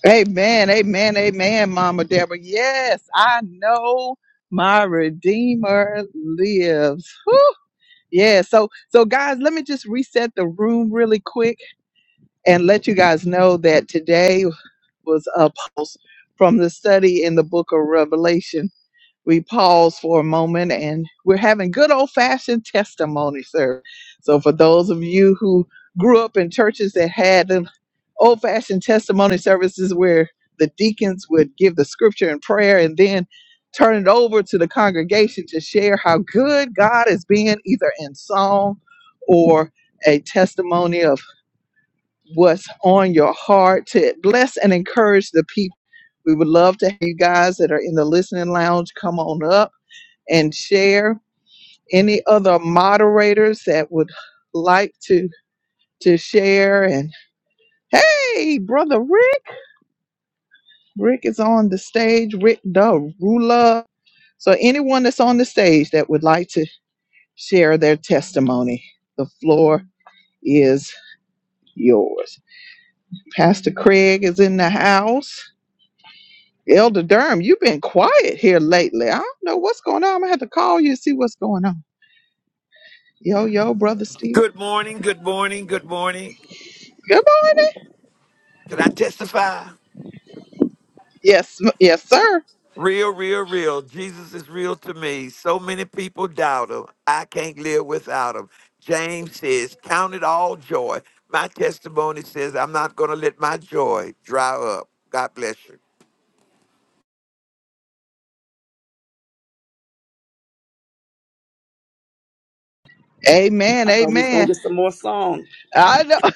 Speaker 1: Amen, amen, amen, Mama Deborah. Yes, I know my Redeemer lives. Whew. Yeah, so so guys, let me just reset the room really quick and let you guys know that today was a post from the study in the book of Revelation we pause for a moment and we're having good old fashioned testimony service. So, for those of you who grew up in churches that had them old fashioned testimony services where the deacons would give the scripture and prayer and then turn it over to the congregation to share how good God is being, either in song or a testimony of what's on your heart to bless and encourage the people. We would love to have you guys that are in the listening lounge come on up and share. Any other moderators that would like to to share? And hey, brother Rick, Rick is on the stage. Rick the ruler. So anyone that's on the stage that would like to share their testimony, the floor is yours. Pastor Craig is in the house. Elder Durham, you've been quiet here lately. I don't know what's going on. I'm gonna have to call you and see what's going on. Yo, yo, brother Steve.
Speaker 4: Good morning, good morning, good morning.
Speaker 1: Good morning.
Speaker 4: Can I testify?
Speaker 1: Yes, m- yes, sir.
Speaker 4: Real, real, real. Jesus is real to me. So many people doubt him. I can't live without him. James says, Count it all joy. My testimony says, I'm not going to let my joy dry up. God bless you.
Speaker 1: Amen,
Speaker 2: I thought we was gonna
Speaker 1: amen.
Speaker 2: get some more songs,
Speaker 1: I know [LAUGHS]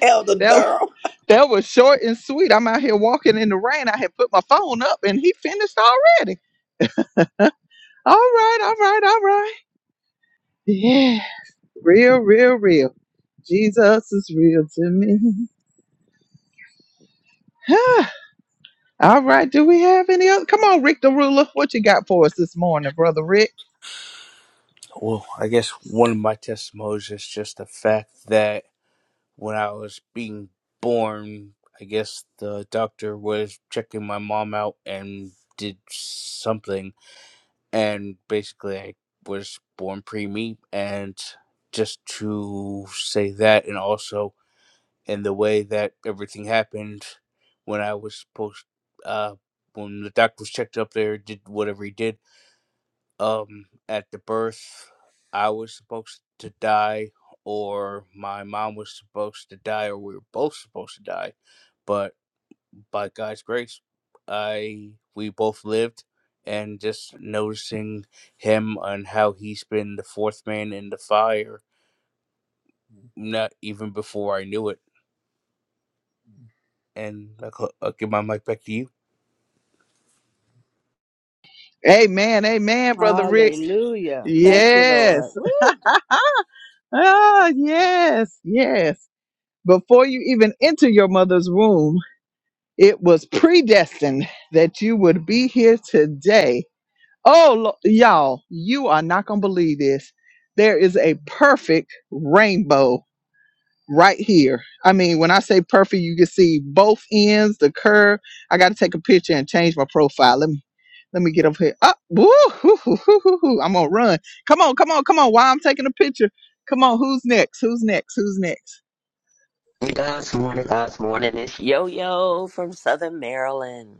Speaker 2: Elder
Speaker 1: that
Speaker 2: Durham.
Speaker 1: that was short and sweet. I'm out here walking in the rain. I had put my phone up and he finished already. All right, all right, all right. Yeah. Real, real, real. Jesus is real to me. [LAUGHS] Ah, all right. Do we have any other come on, Rick the ruler? What you got for us this morning, brother Rick?
Speaker 5: Well, I guess one of my testimonies is just the fact that when I was being born, I guess the doctor was checking my mom out and did something, and basically I was born preemie, and just to say that, and also in the way that everything happened when I was supposed, uh, when the doctor was checked up there, did whatever he did um at the birth I was supposed to die or my mom was supposed to die or we were both supposed to die. But by God's grace I we both lived and just noticing him and how he's been the fourth man in the fire, not even before I knew it. And I'll, I'll give my mic back to you.
Speaker 1: Amen, amen, brother Rick.
Speaker 3: Hallelujah. Thank you,
Speaker 1: Yes.
Speaker 3: Lord. Woo!
Speaker 1: Ah, yes, yes. Before you even enter your mother's womb, it was predestined that you would be here today. Oh, lo- y'all, you are not going to believe this. There is a perfect rainbow right here. I mean, when I say perfect, you can see both ends, the curve. I got to take a picture and change my profile. Let me let me get up here. Up, woo, hoo, hoo, hoo, hoo, hoo. I'm gonna run. Come on, come on, come on. While I'm taking a picture, come on. Who's next? Who's next? Who's next?
Speaker 6: God's morning, God's morning. It's Yo Yo from Southern Maryland.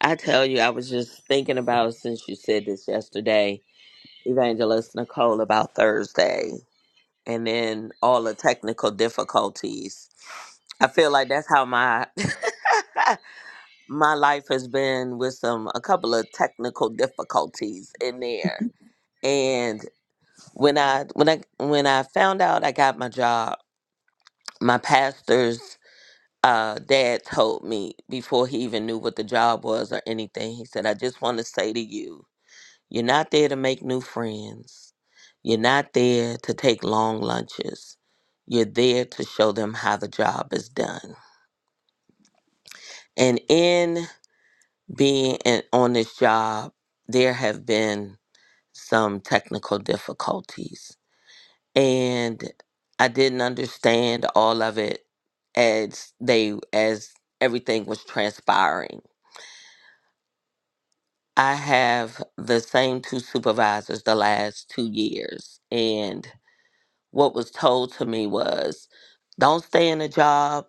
Speaker 6: I tell you, I was just thinking about since you said this yesterday, Evangelist Nicole, about Thursday, and then all the technical difficulties. I feel like that's how my [LAUGHS] my life has been with some a couple of technical difficulties in there. And when I when I when I found out I got my job, my pastors uh, dad told me before he even knew what the job was or anything. He said, I just want to say to you, you're not there to make new friends. You're not there to take long lunches. You're there to show them how the job is done. And in being in, on this job, there have been some technical difficulties. And I didn't understand all of it as they as everything was transpiring I have the same two supervisors the last two years. And what was told to me was don't stay in a job,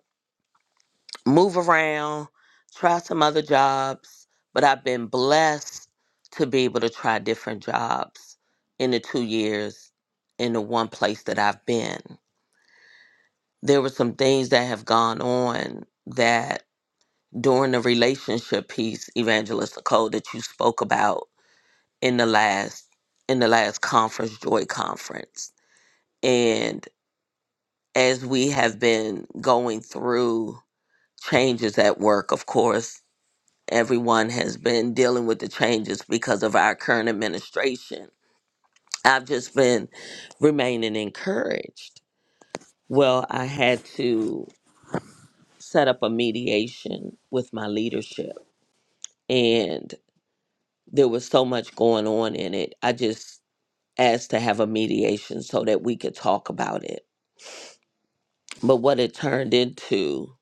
Speaker 6: move around, try some other jobs. But I've been blessed to be able to try different jobs in the two years in the one place that I've been. There were some things that have gone on that during the relationship piece, Evangelist Nicole, that you spoke about in the last in the last conference, Joy Conference. And as we have been going through changes at work, of course, everyone has been dealing with the changes because of our current administration. I've just been remaining encouraged. Well, I had to set up a mediation with my leadership and there was so much going on in it. I just asked to have a mediation so that we could talk about it But what it turned into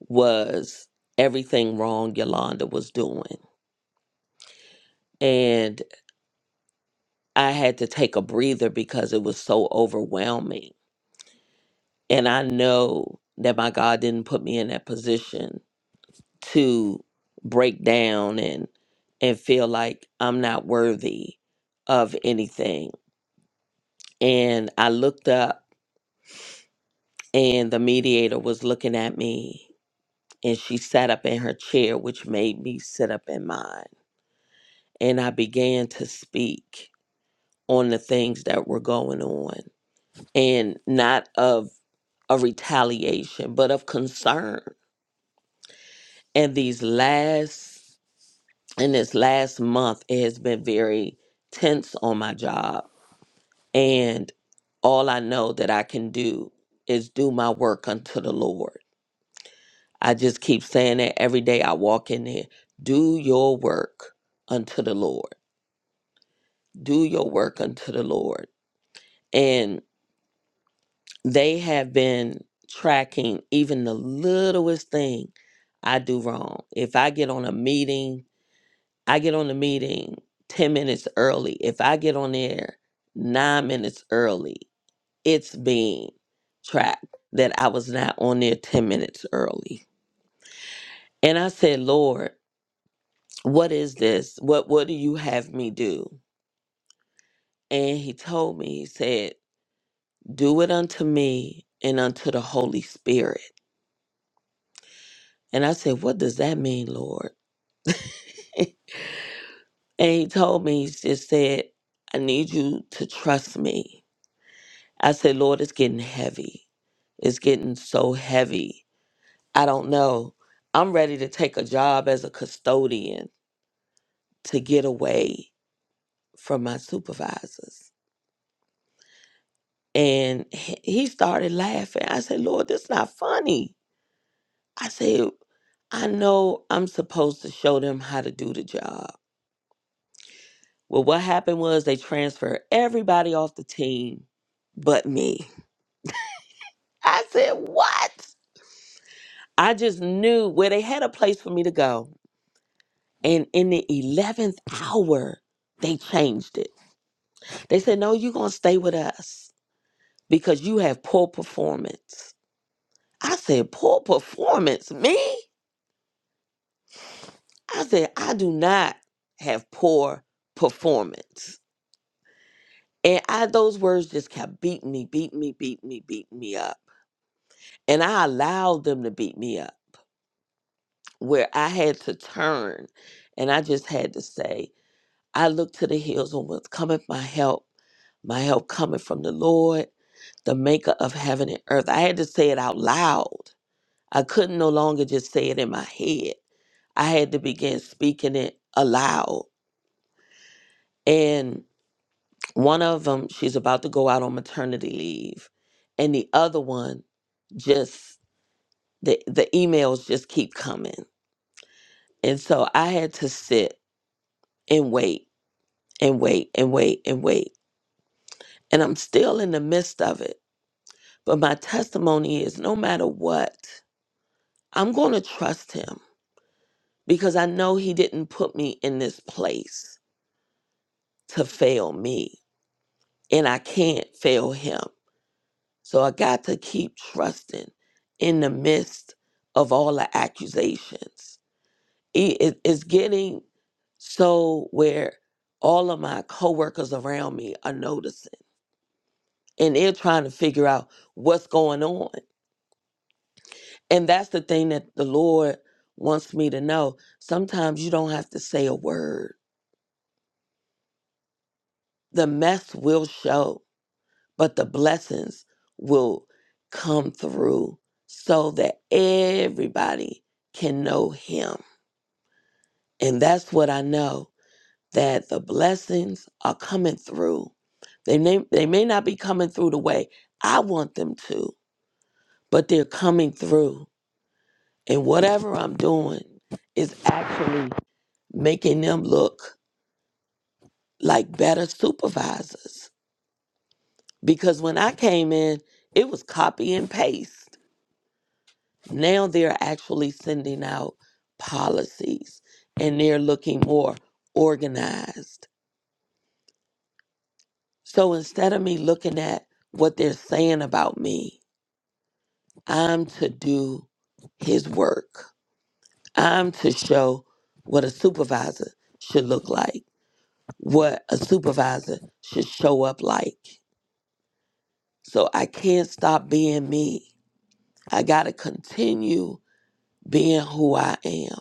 Speaker 6: was everything wrong Yolanda was doing. And I had to take a breather because it was so overwhelming. And I know that my God didn't put me in that position to break down and and feel like I'm not worthy of anything. And I looked up and the mediator was looking at me and she sat up in her chair, which made me sit up in mine and I began to speak on the things that were going on and not of a retaliation, but of concern. And these last, in this last month, it has been very tense on my job. And all I know that I can do is do my work unto the Lord. I just keep saying that every day I walk in there. Do your work unto the Lord. Do your work unto the Lord. And They have been tracking even the littlest thing I do wrong. If I get on a meeting, I get on the meeting 10 minutes early. If I get on there nine minutes early, it's being tracked that I was not on there 10 minutes early. And I said, Lord, what is this? What what do you have me do? And he told me, he said, Do it unto me and unto the Holy Spirit. And I said, What does that mean, Lord? [LAUGHS] And he told me, he just said, I need you to trust me. I said, Lord, it's getting heavy. It's getting so heavy. I don't know. I'm ready to take a job as a custodian to get away from my supervisors. And he he started laughing. I said, Lord, that's not funny. I said, I know I'm supposed to show them how to do the job. Well, what happened was they transferred everybody off the team but me. I said, What? I just knew where they had a place for me to go. And in the 11th hour, they changed it. They said, No, you're going to stay with us because you have poor performance. I said, Poor performance? Me? I said, I do not have poor performance. And I, those words just kept beating me, beating me, beating me, beating me up. And I allowed them to beat me up where I had to turn and I just had to say, I look to the hills on whence cometh my help. My help cometh from the Lord, the maker of heaven and earth. I had to say it out loud. I couldn't no longer just say it in my head. I had to begin speaking it aloud. And one of them, she's about to go out on maternity leave. And the other one, just the, the emails just keep coming. And so I had to sit and wait and wait and wait and wait. And I'm still in the midst of it. But my testimony is no matter what, I'm going to trust him because I know he didn't put me in this place to fail me. And I can't fail him. So I got to keep trusting in the midst of all the accusations. It- it- it's getting so where all of my coworkers around me are noticing and they're trying to figure out what's going on. And that's the thing that the Lord wants me to know. Sometimes you don't have to say a word. The mess will show, but the blessings will come through so that everybody can know Him. And that's what I know that the blessings are coming through. They may, they may not be coming through the way I want them to, but they're coming through. And whatever I'm doing is actually making them look like better supervisors because when I came in, it was copy and paste. Now they're actually sending out policies and they're looking more organized. So instead of me looking at what they're saying about me, I'm to do his work. I'm to show what a supervisor should look like, what a supervisor should show up like. So I can't stop being me I got to continue being who I am.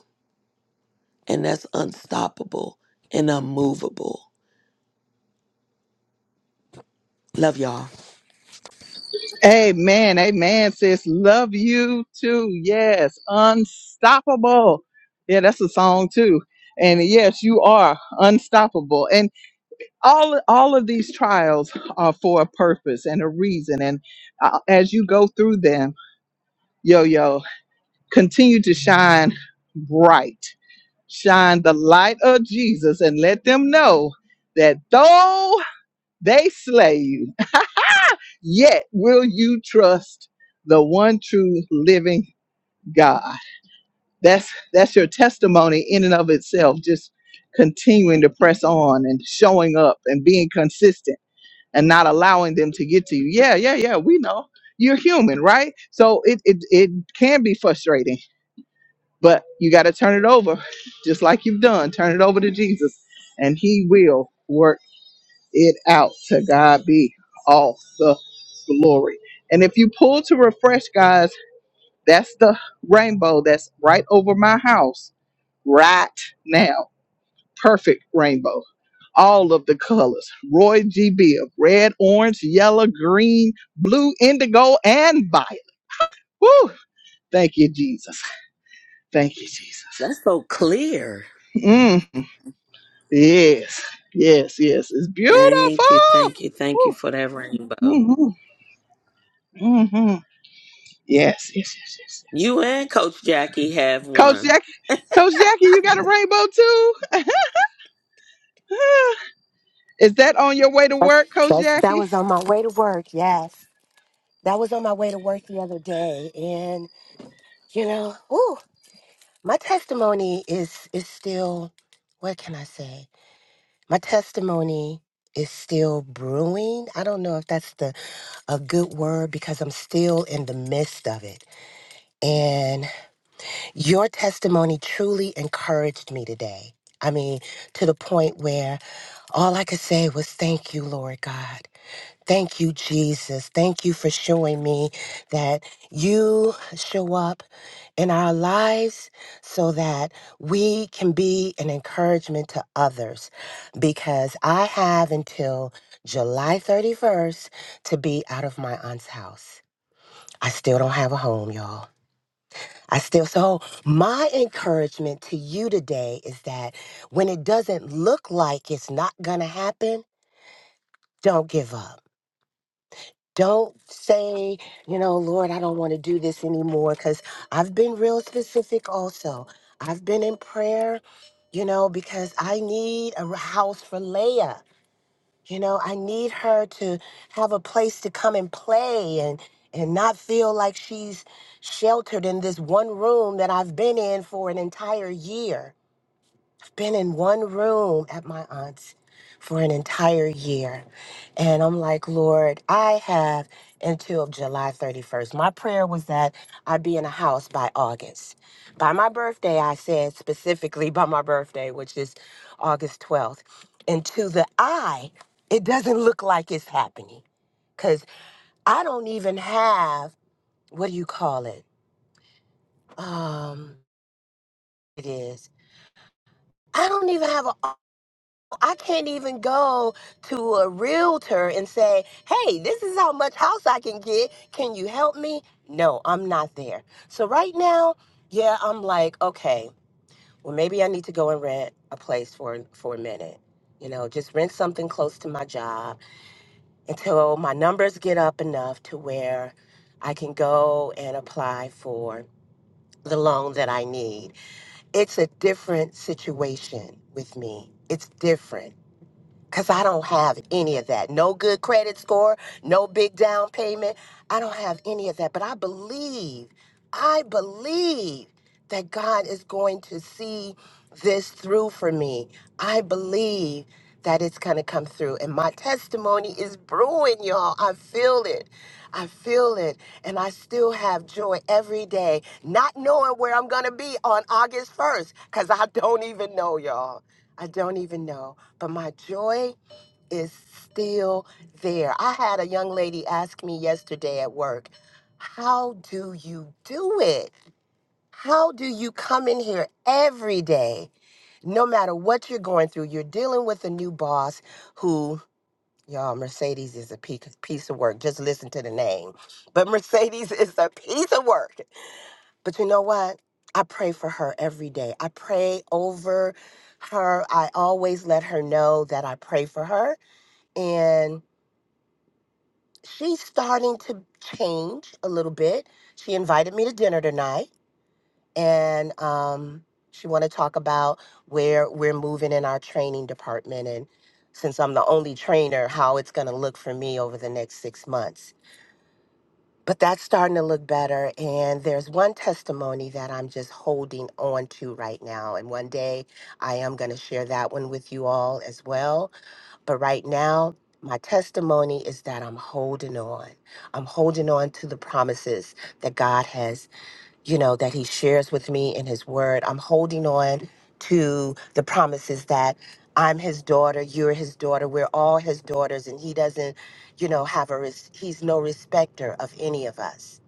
Speaker 6: And that's unstoppable and unmovable. Love y'all.
Speaker 1: Amen, amen. Sis, love you too. Yes, unstoppable. Yeah, that's a song too. And yes, you are unstoppable. all all of these trials are for a purpose and a reason and uh, as you go through them yo yo continue to shine bright shine the light of jesus and let them know that though they slay you [LAUGHS] yet will you trust the one true living god that's that's your testimony in and of itself just continuing to press on and showing up and being consistent and not allowing them to get to you. Yeah, yeah, yeah. We know you're human, right? So it it it can be frustrating, but you got to turn it over, just like you've done. Turn it over to Jesus, and He will work it out. To God be all the glory. And if you pull to refresh, guys, that's the rainbow that's right over my house right now perfect rainbow. All of the colors. Roy G. Biv, red, orange, yellow, green, blue, indigo, and violet. Woo! Thank you, Jesus. Thank you, Jesus.
Speaker 6: That's so clear.
Speaker 1: Mm. Yes, yes, yes. It's
Speaker 6: Thank you,
Speaker 1: beautiful.
Speaker 6: thank you, thank you
Speaker 1: Woo.
Speaker 6: for that rainbow.
Speaker 1: Mm-hmm. Mm-hmm. Yes, yes, yes, yes, yes.
Speaker 6: You and Coach Jackie have
Speaker 1: Coach
Speaker 6: one.
Speaker 1: Jackie, Coach Jackie, you got a rainbow too? [LAUGHS] Is that on your way to
Speaker 7: That's,
Speaker 1: work, Coach
Speaker 7: that's, that
Speaker 1: Jackie?
Speaker 7: was on my way to work. Yes. That was on my way to work the other day. And, you know, ooh, my testimony is, is still, what can I say? My testimony is still brewing. I don't know if that's the a good word because I'm still in the midst of it. And your testimony truly encouraged me today. I mean, to the point where all I could say was thank you, Lord God. Thank you, Jesus. Thank you for showing me that you show up in our lives so that we can be an encouragement to others. Because I have until July 31st to be out of my aunt's house. I still don't have a home, y'all. I still, so my encouragement to you today is that when it doesn't look like it's not gonna happen, don't give up Don't say, you know, Lord, I don't want to do this anymore because I've been real specific also. I've been in prayer, you know, because I need a r- house for Leia. You know, I need her to have a place to come and play and and not feel like she's sheltered in this one room that I've been in for an entire year been in one room at my aunt's for an entire year. And I'm like, Lord, I have until July 31st. My prayer was that I'd be in a house by August. By my birthday, I said specifically by my birthday, which is August 12th. And to the eye, it doesn't look like it's happening because I don't even have, what do you call it? Um, it is. I don't even have an I can't even go to a realtor and say, hey, this is how much house I can get. Can you help me? No, I'm not there. So right now, yeah, I'm like, okay, well, maybe I need to go and rent a place for, for a minute. You know, just rent something close to my job until my numbers get up enough to where I can go and apply for the loan that I need. It's a different situation with me. It's different because I don't have any of that. No good credit score, no big down payment. I don't have any of that. But I believe, I believe that God is going to see this through for me. I believe that it's going to come through. And my testimony is brewing, y'all. I feel it. I feel it. And I still have joy every day, not knowing where I'm going to be on August 1st, because I don't even know, y'all. I don't even know but my joy is still there. I had a young lady ask me yesterday at work, How do you do it? How do you come in here every day, no matter what you're going through? You're dealing with a new boss who, y'all, Mercedes is a pe- piece of work. Just listen to the name. But Mercedes is a piece of work. But you know what? I pray for her every day. I pray over her. I always let her know that I pray for her and she's starting to change a little bit. She invited me to dinner tonight, and um, she want to talk about where we're moving in our training department, and since I'm the only trainer, how it's going to look for me over the next six months. But that's starting to look better, and there's one testimony that I'm just holding on to right now, and one day I am going to share that one with you all as well But right now, my testimony is that I'm holding on. I'm holding on to the promises that God has, you know, that He shares with me in His Word. I'm holding on to the promises that I'm His daughter, you're His daughter, we're all His daughters, and He doesn't, you know, have a, res- He's no respecter of any of us.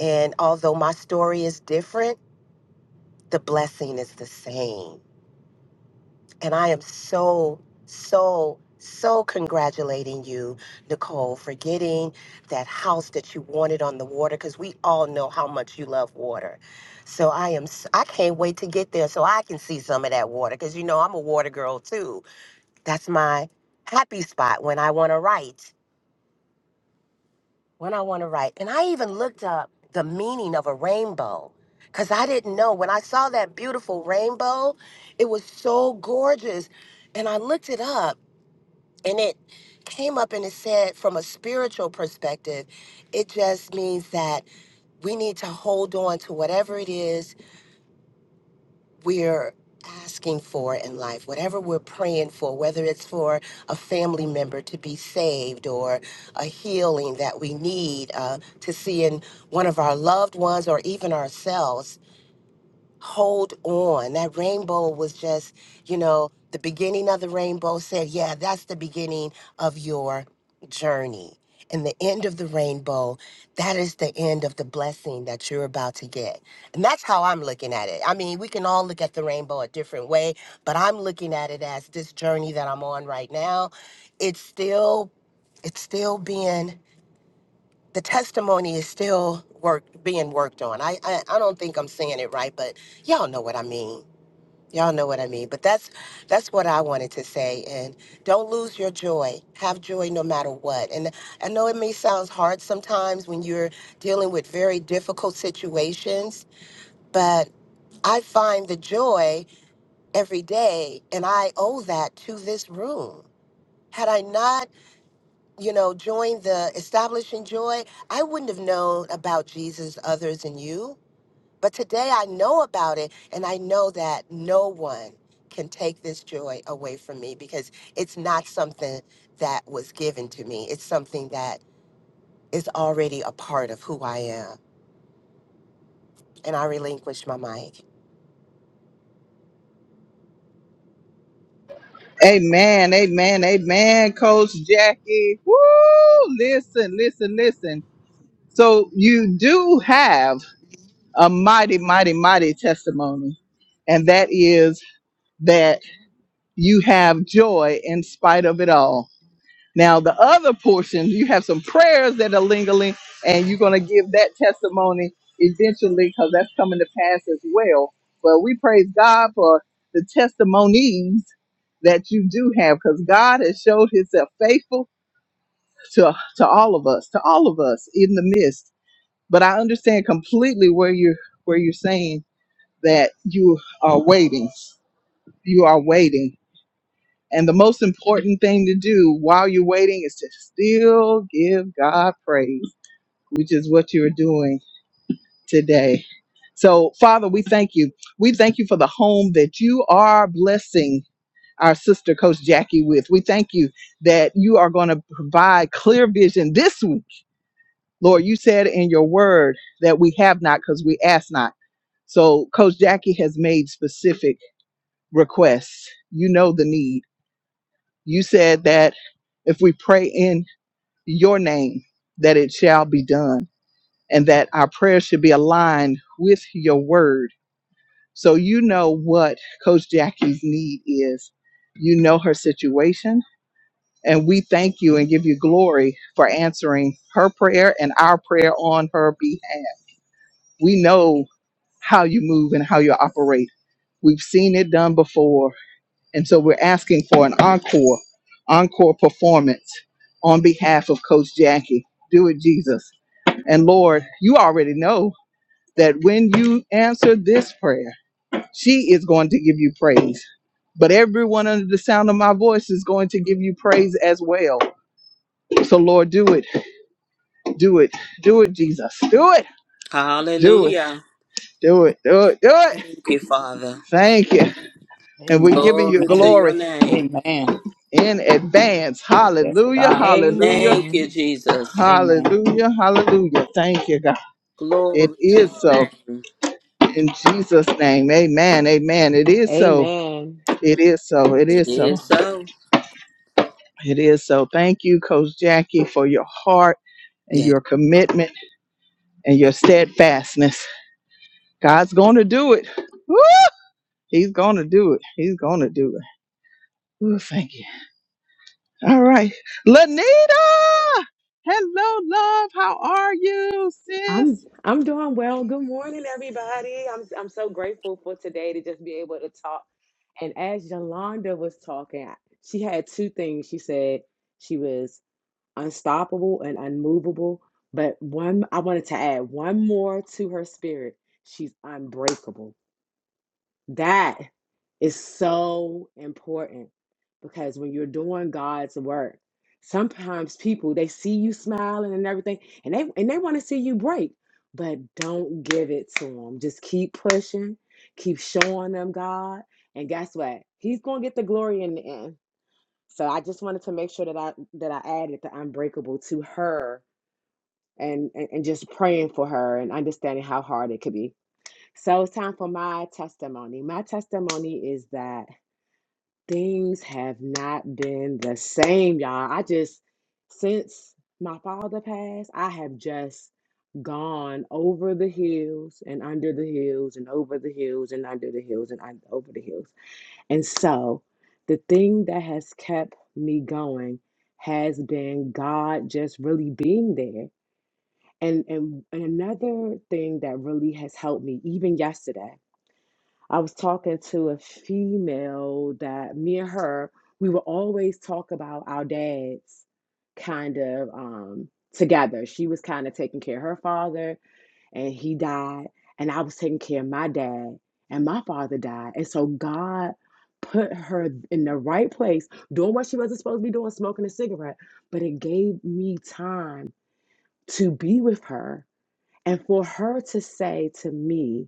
Speaker 7: And although my story is different, the blessing is the same And I am so, so, so congratulating you, Nicole, for getting that house that you wanted on the water because we all know how much you love water. So I am, s- I can't wait to get there so I can see some of that water because you know I'm a water girl too. That's my happy spot when I want to write, when I want to write. And I even looked up the meaning of a rainbow because I didn't know. When I saw that beautiful rainbow, it was so gorgeous. And I looked it up and it came up and it said from a spiritual perspective it just means that we need to hold on to whatever it is we're asking for in life whatever we're praying for whether it's for a family member to be saved or a healing that we need uh, to see in one of our loved ones or even ourselves hold on. That rainbow was just, you know, the beginning of the rainbow said, yeah, that's the beginning of your journey. And the end of the rainbow, that is the end of the blessing that you're about to get. And that's how I'm looking at it. I mean, we can all look at the rainbow a different way, but I'm looking at it as this journey that I'm on right now. It's still, it's still being the testimony is still work being worked on. I, I I don't think I'm saying it right, but y'all know what I mean. Y'all know what I mean. But that's that's what I wanted to say. And don't lose your joy. Have joy no matter what. And I know it may sound hard sometimes when you're dealing with very difficult situations, but I find the joy every day, and I owe that to this room. Had I not you know, joined the Establishing Joy, I wouldn't have known about Jesus other than you. But today I know about it, and I know that no one can take this joy away from me because it's not something that was given to me. It's something that is already a part of who I am. And I relinquish my mic.
Speaker 1: Amen, amen, amen, Coach Jackie. Woo! Listen, listen, listen. So you do have a mighty, mighty, mighty testimony, and that is that you have joy in spite of it all. Now, the other portion, you have some prayers that are lingering, and you're going to give that testimony eventually because that's coming to pass as well. But we praise God for the testimonies that you do have because God has showed himself faithful to, to all of us, to all of us in the midst. But I understand completely where you're, where you're saying that you are waiting. You are waiting and the most important thing to do while you're waiting is to still give God praise, which is what you're doing today. So, Father, we thank you. We thank you for the home that you are blessing our sister, Coach Jackie, with. We thank you that you are going to provide clear vision this week. Lord, you said in your word that we have not because we ask not. So, Coach Jackie has made specific requests. You know the need. You said that if we pray in your name, that it shall be done, and that our prayers should be aligned with your word. So you know what Coach Jackie's need is. You know her situation. And we thank you and give you glory for answering her prayer and our prayer on her behalf. We know how you move and how you operate. We've seen it done before. And so we're asking for an encore, encore performance on behalf of Coach Jackie. Do it, Jesus And Lord, you already know that when you answer this prayer, she is going to give you praise. But everyone under the sound of my voice is going to give you praise as well. So, Lord, do it, do it, do it, Jesus. Do it, do it,
Speaker 6: Hallelujah.
Speaker 1: do it, do it, do it.
Speaker 6: Thank you, Father.
Speaker 1: Thank you. And we're
Speaker 2: Amen.
Speaker 1: giving you
Speaker 6: Glory to
Speaker 2: Amen.
Speaker 6: your
Speaker 1: glory
Speaker 6: name.
Speaker 2: Amen.
Speaker 1: in advance.
Speaker 2: Yes,
Speaker 1: Hallelujah,
Speaker 2: God. Amen.
Speaker 1: hallelujah,
Speaker 6: Thank you,
Speaker 8: Amen.
Speaker 6: Jesus.
Speaker 2: Amen.
Speaker 1: hallelujah, hallelujah. Thank you, God. It
Speaker 6: Glory to
Speaker 1: is
Speaker 6: your
Speaker 1: so.
Speaker 6: name.
Speaker 1: In Jesus' name, amen, amen. It is so.
Speaker 8: Amen.
Speaker 1: It is so. It
Speaker 6: It
Speaker 1: is so.
Speaker 6: is so.
Speaker 1: It is so. Thank you, Coach Jackie, for your heart and
Speaker 6: Yeah.
Speaker 1: your commitment and your steadfastness. God's going to do it. Woo! He's going to do it. He's going to do it. Ooh, thank you. All right. Lanita! Hello, love. How are you,
Speaker 8: I'm
Speaker 1: sis?
Speaker 8: I'm doing well. Good morning, everybody. I'm I'm so grateful for today to just be able to talk. And as Yolanda was talking, I- she had two things. She said she was unstoppable and unmovable, but one I wanted to add one more to her spirit. She's unbreakable That is so important because when you're doing God's work, sometimes people they see you smiling and everything, and they and they want to see you break, but don't give it to them. Just keep pushing, keep showing them God, and guess what? He's gonna get the glory in the end. So I just wanted to make sure that I that I added the unbreakable to her and and, and just praying for her and understanding how hard it could be. So it's time for my testimony. My testimony is that things have not been the same, y'all. I just, since my father passed, I have just gone over the hills and under the hills and over the hills and under the hills and un- over the hills. And so the thing that has kept me going has been God just really being there. And, and and another thing that really has helped me even yesterday I was talking to a female that me and her, we would always talk about our dads kind of um, together. She was kind of taking care of her father, and he died, and I was taking care of my dad, and my father died. And so God put her in the right place, doing what she wasn't supposed to be doing, smoking a cigarette, but it gave me time to be with her and for her to say to me,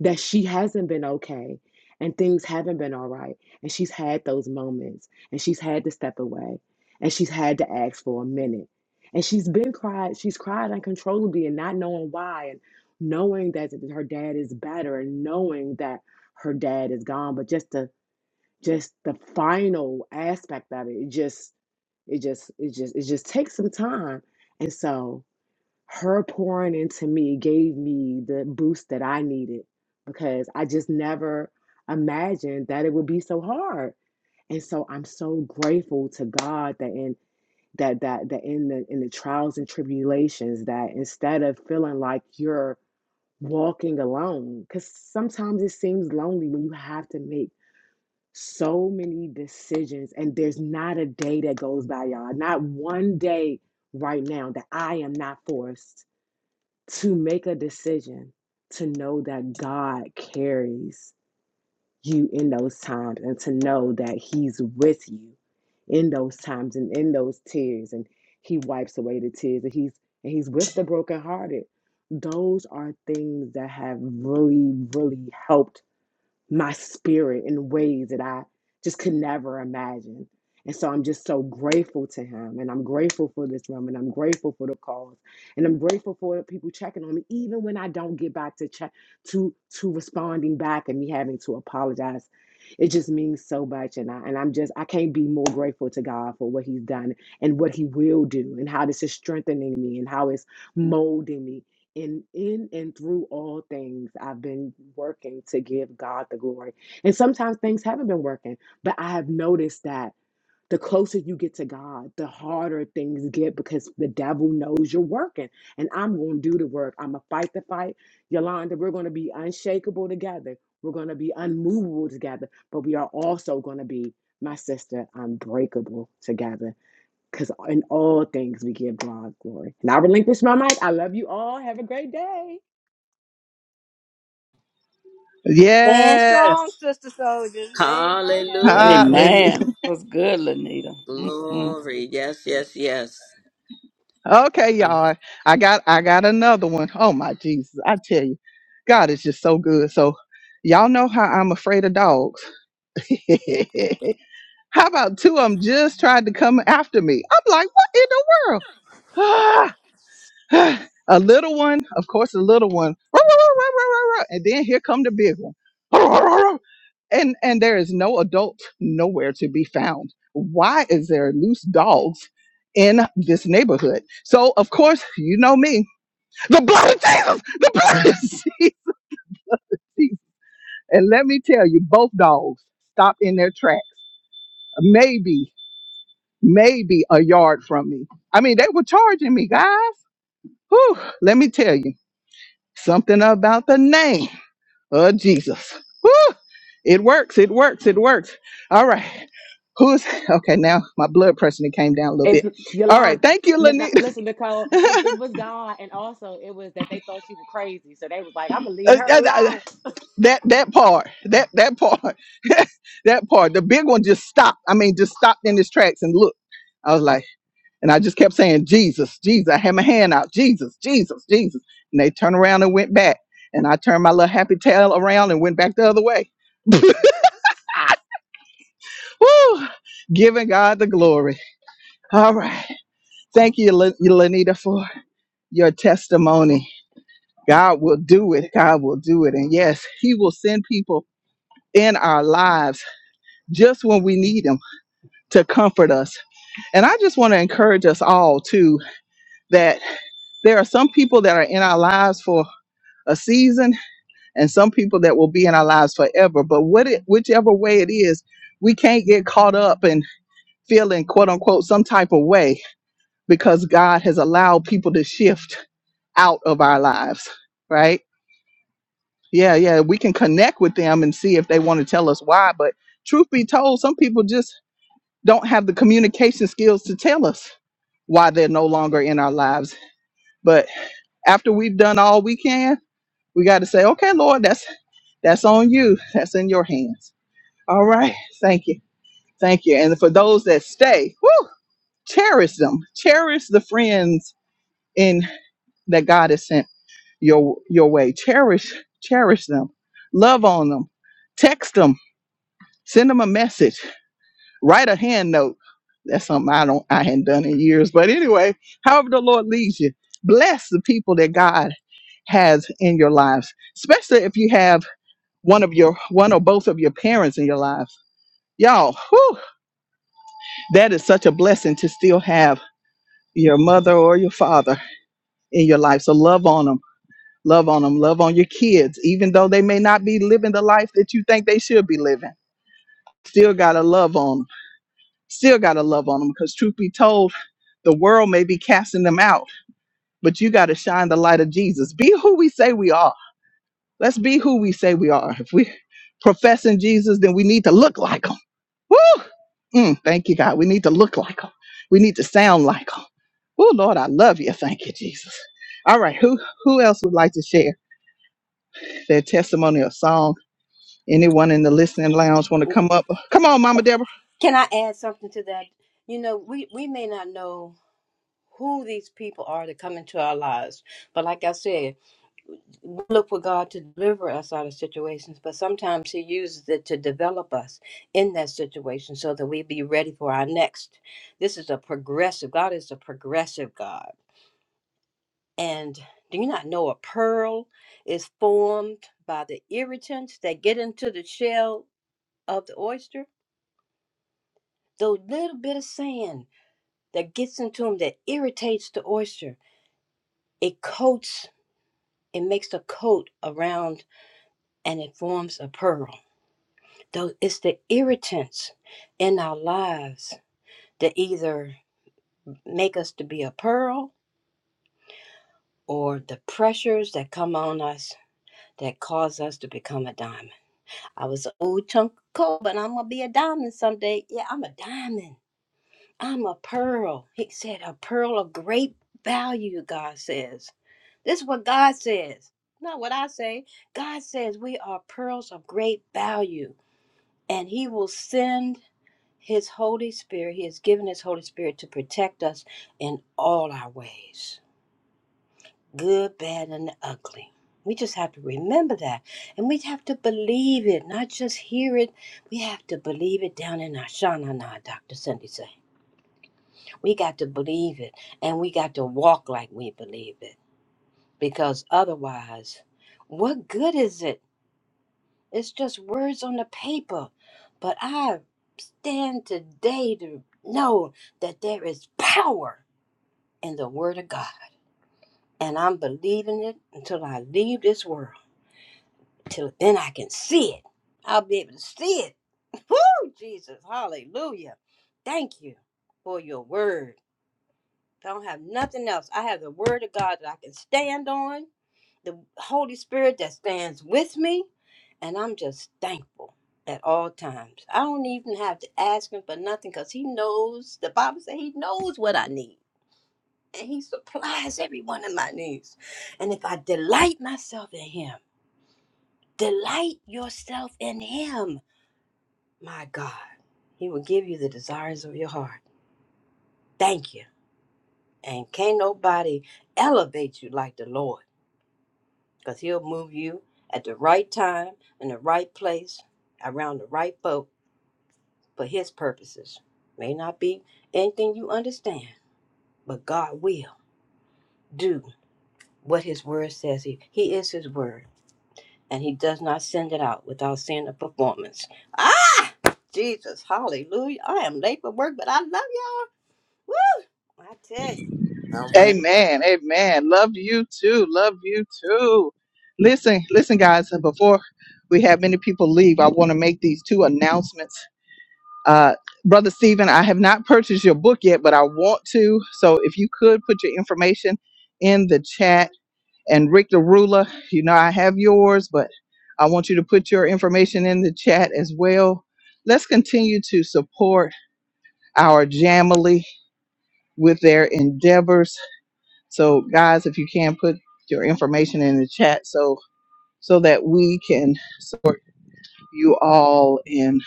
Speaker 8: that she hasn't been okay and things haven't been all right. And she's had those moments and she's had to step away and she's had to ask for a minute. And she's been cried, she's cried uncontrollably and not knowing why and knowing that her dad is better and knowing that her dad is gone. But just the just the final aspect of it, it just it just it just it just takes some time. And so her pouring into me gave me the boost that I needed because I just never imagined that it would be so hard. And so I'm so grateful to God that in that that that in the in the trials and tribulations that instead of feeling like you're walking alone cuz sometimes it seems lonely when you have to make so many decisions and there's not a day that goes by y'all not one day right now that I am not forced to make a decision to know that God carries you in those times and to know that He's with you in those times and in those tears and He wipes away the tears and He's and He's with the brokenhearted. Those are things that have really, really helped my spirit in ways that I just could never imagine. And so I'm just so grateful to him. And I'm grateful for this room. And I'm grateful for the calls. And I'm grateful for the people checking on me, even when I don't get back to check to to responding back and me having to apologize. It just means so much. And I and I'm just I can't be more grateful to God for what he's done and what he will do and how this is strengthening me and how it's molding me in in and through all things i've been working to give god the glory and sometimes things haven't been working but i have noticed that the closer you get to god the harder things get because the devil knows you're working and i'm going to do the work i'm going to fight the fight yolanda we're going to be unshakable together we're going to be unmovable together but we are also going to be my sister unbreakable together because in all things we give God glory. And I relinquish my mic. I love you all. Have a great day.
Speaker 3: Stand strong,
Speaker 1: Yes.
Speaker 3: sister soldiers. Amen.
Speaker 6: Hallelujah.
Speaker 2: Amen. It was good, Lanita. Mhm.
Speaker 6: Glory. Yes, yes, yes.
Speaker 1: Okay, y'all. I got I got another one. Oh my Jesus. I tell you, God is just so good. So y'all know how I'm afraid of dogs. [LAUGHS] how about two of them just tried to come after me? I'm like, what in the world? [SIGHS] [SIGHS] a little one, of course, a little one, [LAUGHS] and then here come the big one, [LAUGHS] and and there is no adult nowhere to be found. Why is there loose dogs in this neighborhood? So of course, you know me, the blood of Jesus, the blood of [LAUGHS] Jesus. And let me tell you, both dogs stopped in their tracks, maybe, maybe a yard from me. I mean, they were charging me, guys. Whew, let me tell you. Something about the name of Jesus. Woo! It works. It works. It works. All right. Who's okay? Now my blood pressure done came down a little bit.
Speaker 8: And
Speaker 1: All right.
Speaker 8: Yolanda,
Speaker 1: Thank you,
Speaker 8: n- n-
Speaker 1: Lanita.
Speaker 8: listen, Nicole, it,
Speaker 1: [LAUGHS]
Speaker 8: it was God. And also, it was that they thought she was crazy. So they was like, I'm going to leave
Speaker 1: Uh,
Speaker 8: her
Speaker 1: uh, uh,
Speaker 8: alone.
Speaker 1: that that part. That that part. [LAUGHS] that part. The big one just stopped. I mean, just stopped in his tracks and looked. I was like, and I just kept saying, Jesus, Jesus. I had my hand out, Jesus, Jesus, Jesus. And they turned around and went back. And I turned my little happy tail around and went back the other way. [LAUGHS] Woo! Giving God the glory. All right. Thank you, Lan- Lanita, for your testimony. God will do it. God will do it. And yes, He will send people in our lives just when we need them to comfort us. And I just want to encourage us all, too, that there are some people that are in our lives for a season and some people that will be in our lives forever. But what it, whichever way it is, we can't get caught up in feeling quote unquote some type of way because God has allowed people to shift out of our lives, right? Yeah, yeah, we can connect with them and see if they want to tell us why. But truth be told, some people just don't have the communication skills to tell us why they're no longer in our lives. But after we've done all we can, we got to say, okay, Lord, that's that's on you. That's in your hands. All right. Thank you. Thank you. And for those that stay, woo, cherish them. Cherish the friends in that God has sent your your way. Cherish cherish them. Love on them. Text them. Send them a message. Write a hand note. That's something I don't I hadn't done in years. But anyway, however the Lord leads you, bless the people that God has in your lives, especially if you have one of your one or both of your parents in your lives. Y'all, whew, that is such a blessing to still have your mother or your father in your life. So love on them Love on them. Love on your kids, even though they may not be living the life that you think they should be living. Still gotta love on them. Still gotta love on them because truth be told, the world may be casting them out, but you gotta shine the light of Jesus. Be who we say we are. Let's be who we say we are. If we professing Jesus, then we need to look like him. Woo! Mm, thank you, God. We need to look like him. We need to sound like him. Oh Lord, I love you. Thank you, Jesus. All right, who who else would like to share their testimony or song? Anyone in the listening lounge want to come up? Come on, Mama Deborah.
Speaker 3: Can I add something to that? You know, we, we may not know who these people are that come into our lives, but like I said, we look for God to deliver us out of situations, but sometimes He uses it to develop us in that situation so that we be ready for our next. This is a progressive God is a progressive God. And do you not know a pearl is formed by the irritants that get into the shell of the oyster? The little bit of sand that gets into them that irritates the oyster, it coats, it makes a coat around and it forms a pearl. Though it's the irritants in our lives that either make us to be a pearl or the pressures that come on us that cause us to become a diamond. I was an old chunk of coal, but I'm gonna be a diamond someday. Yeah, I'm a diamond. I'm a pearl. He said, a pearl of great value, God says. This is what God says, not what I say. God says we are pearls of great value, and He will send His Holy Spirit. He has given His Holy Spirit to protect us in all our ways good, bad, and the ugly. We just have to remember that. And we have to believe it, not just hear it. We have to believe it down in our shanana, Dr. Cindy said. We got to believe it, and we got to walk like we believe it. Because otherwise, what good is it? It's just words on the paper. But I stand today to know that there is power in the Word of God. And I'm believing it until I leave this world. till then I can see it. I'll be able to see it. [LAUGHS] Woo, Jesus, hallelujah. Thank you for your word. I don't have nothing else. I have the word of God that I can stand on, the Holy Spirit that stands with me, and I'm just thankful at all times. I don't even have to ask him for nothing because he knows, the Bible says he knows what I need. And he supplies every one of my needs. And if I delight myself in him, delight yourself in him My God, He will give you the desires of your heart. Thank you. And can't nobody elevate you like the Lord because He'll move you at the right time, in the right place, around the right folk for His purposes. May not be anything you understand, but God will do what His word says. He, he is His word, and He does not send it out without seeing a performance. Ah, Jesus, hallelujah. I am late for work, but I love y'all. Woo! I tell you.
Speaker 6: I went
Speaker 1: Amen. Amen. Love you too. Love you too. Listen, listen, guys. uh, Before we have many people leave, I want to make these two announcements. Uh, Brother Stephen, I have not purchased your book yet, but I want to. So if you could put your information in the chat. And Rick the Ruler, you know, I have yours, but I want you to put your information in the chat as well. Let's continue to support our Jamily with their endeavors. So, guys, if you can put your information in the chat, so so that we can support you all in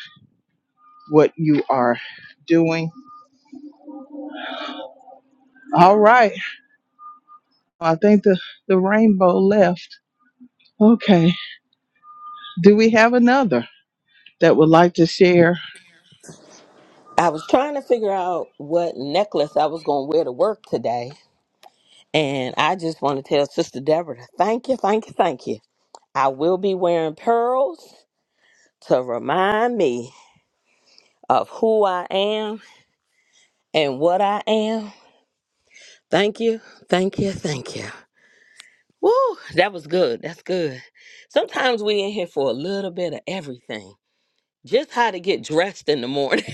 Speaker 1: what you are doing. All right, I think the the rainbow left. Okay, do we have another that would like to share?
Speaker 6: I was trying to figure out what necklace I was going to wear to work today. And I just want to tell Sister Deborah to thank you, thank you, thank you. I will be wearing pearls to remind me of who I am and what I am. Thank you, thank you, thank you. Woo, that was good. That's good. Sometimes we in here for a little bit of everything. Just how to get dressed in the morning. [LAUGHS]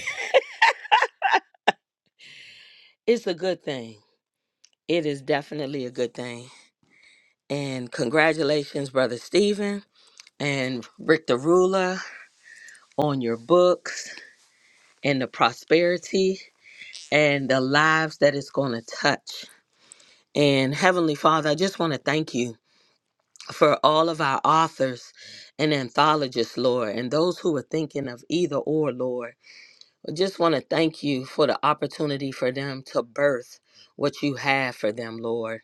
Speaker 6: It's a good thing. It is definitely a good thing. And congratulations, Brother Stephen. and Rick Derula on your books and the prosperity and the lives that it's going to touch. And Heavenly Father, I just want to thank you for all of our authors and anthologists, Lord, and those who are thinking of either or, Lord. I just want to thank you for the opportunity for them to birth what you have for them, Lord.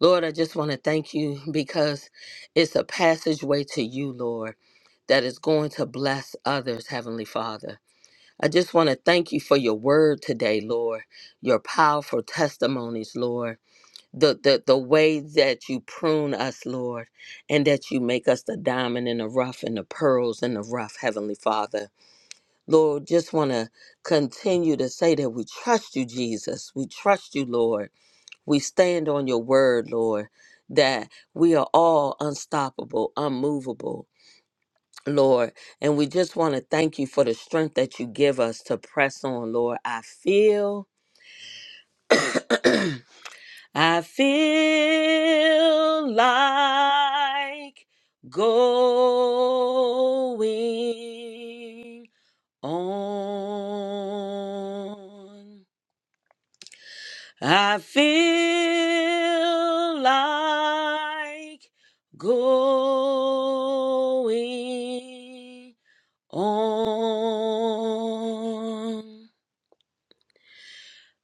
Speaker 6: Lord, I just want to thank you because it's a passageway to you, Lord, that is going to bless others, Heavenly Father. I just want to thank you for your word today, Lord, your powerful testimonies, Lord, the, the, the way that you prune us, Lord, and that you make us the diamond in the rough and the pearls in the rough, Heavenly Father. Lord, just want to continue to say that we trust you, Jesus. We trust you, Lord. We stand on your word, Lord, that we are all unstoppable, unmovable, Lord. And we just want to thank you for the strength that you give us to press on, Lord. I feel, [CLEARS THROAT] I feel like going on. I feel like going On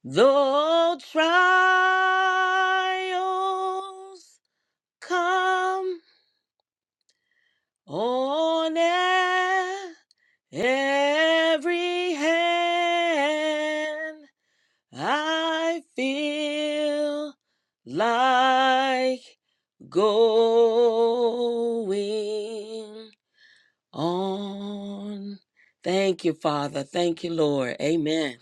Speaker 6: though trials come on every hand, I feel like going on. Thank you, Father. Thank you, Lord. Amen.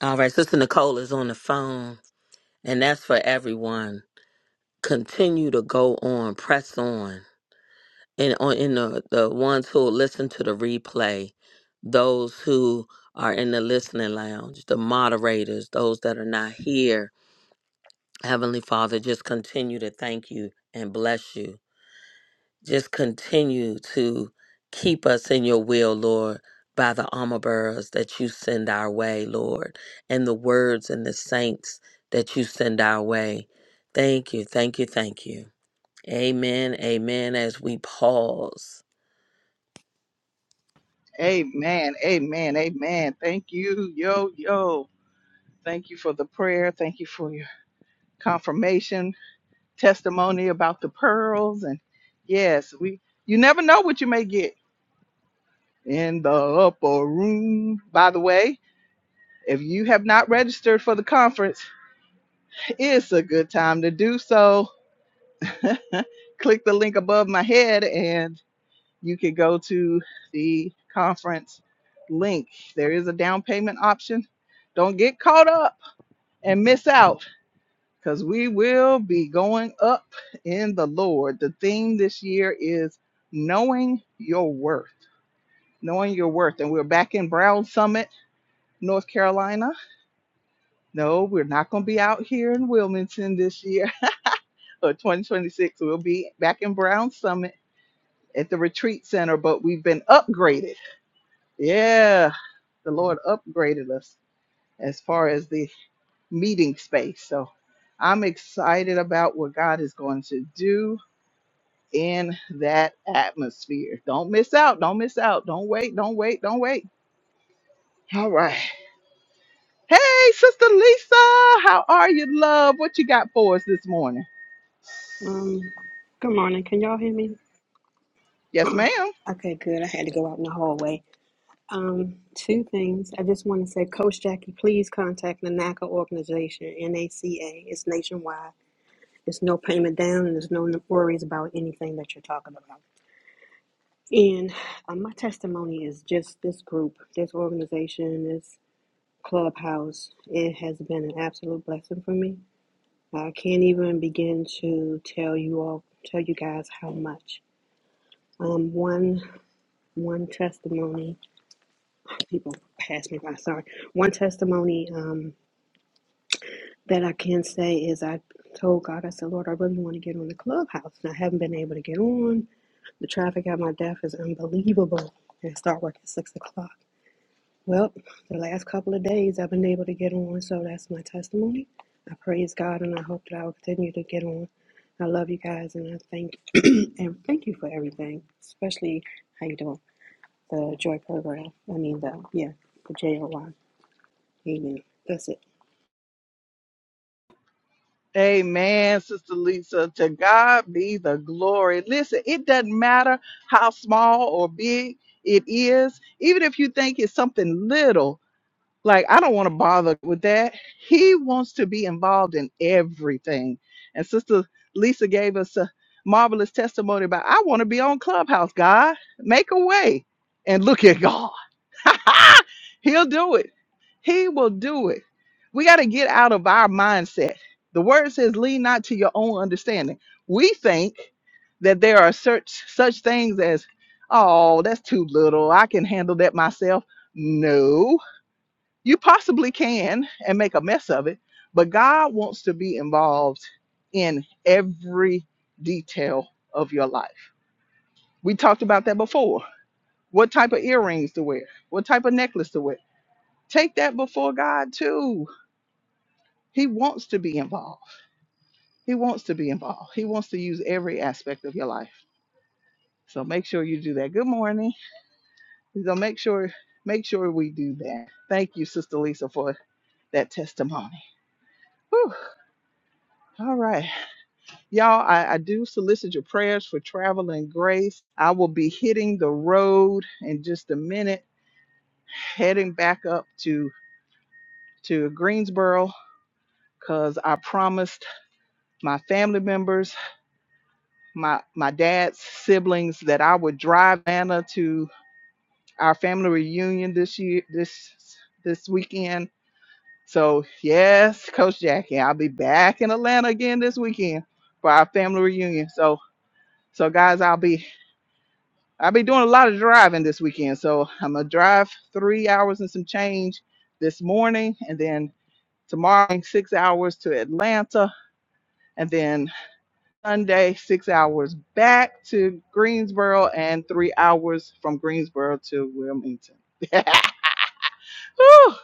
Speaker 6: All right, Sister Nicole is on the phone, and that's for everyone. Continue to go on, press on, and on in the the ones who will listen to the replay, those who are in the listening lounge, the moderators, those that are not here. Heavenly Father, just continue to thank you and bless you. Just continue to keep us in your will, Lord, by the armor bearers that you send our way, Lord, and the words and the saints that you send our way. Thank you, thank you, thank you. Amen, amen. As we pause.
Speaker 1: Amen. Amen. Amen. Thank you. Yo yo. Thank you for the prayer. Thank you for your confirmation testimony about the pearls and yes we you never know what you may get in the upper room by the way if you have not registered for the conference it's a good time to do so [LAUGHS] click the link above my head and you can go to the conference link there is a down payment option don't get caught up and miss out because we will be going up in the Lord. The theme this year is knowing your worth, knowing your worth. And we're back in Brown Summit, North Carolina. No, we're not going to be out here in Wilmington this year [LAUGHS] or 2026. We'll be back in Brown Summit at the retreat center, but we've been upgraded. Yeah, the Lord upgraded us as far as the meeting space. So I'm excited about what God is going to do in that atmosphere. Don't miss out. Don't miss out. Don't wait. Don't wait. Don't wait. All right. Hey, Sister Lisa, how are you, love? What you got for us this morning?
Speaker 9: Um, good morning. Can y'all hear me?
Speaker 1: Yes, ma'am.
Speaker 9: Okay, good. I had to go out in the hallway. Um, two things. I just want to say, Coach Jackie, please contact the NACA organization, NACA. It's nationwide. There's no payment down, and there's no worries about anything that you're talking about. And um, my testimony is just this group, this organization, this clubhouse. It has been an absolute blessing for me. I can't even begin to tell you all, tell you guys how much. Um, one. one testimony people pass me by sorry one testimony um that i can say is i told god i said lord i really want to get on the clubhouse and i haven't been able to get on the traffic at my desk is unbelievable and I start work at six o'clock well the last couple of days i've been able to get on so that's my testimony i praise god and i hope that i will continue to get on i love you guys and i thank [CLEARS THROAT] and thank you for everything especially how you doing the joy program. I mean the yeah, the JO one. He knew. That's it.
Speaker 1: Amen, Sister Lisa. To God be the glory. Listen, it doesn't matter how small or big it is, even if you think it's something little. like I don't want to bother with that. He wants to be involved in everything. And Sister Lisa gave us a marvelous testimony about I want to be on Clubhouse, God. Make a way. And look at God. [LAUGHS] He'll do it. He will do it. We got to get out of our mindset. The word says, lean not to your own understanding. We think that there are such such things as, oh, that's too little. I can handle that myself. No, you possibly can and make a mess of it, but God wants to be involved in every detail of your life. We talked about that before. What type of earrings to wear, what type of necklace to wear. Take that before God too. He wants to be involved. He wants to be involved. He wants to use every aspect of your life. So make sure you do that. Good morning. So make sure make sure we do that. Thank you, Sister Lisa, for that testimony. Whew. All right. Y'all, I, I do solicit your prayers for travel and grace. I will be hitting the road in just a minute, heading back up to to Greensboro because I promised my family members, my my dad's siblings, that I would drive Anna to our family reunion this year this this weekend. So yes, Coach Jackie, I'll be back in Atlanta again this weekend for our family reunion. So so guys, I'll be I'll be doing a lot of driving this weekend. So I'm gonna drive three hours and some change this morning, and then tomorrow six hours to Atlanta, and then Sunday six hours back to Greensboro, and three hours from Greensboro to Wilmington. [LAUGHS] Whew,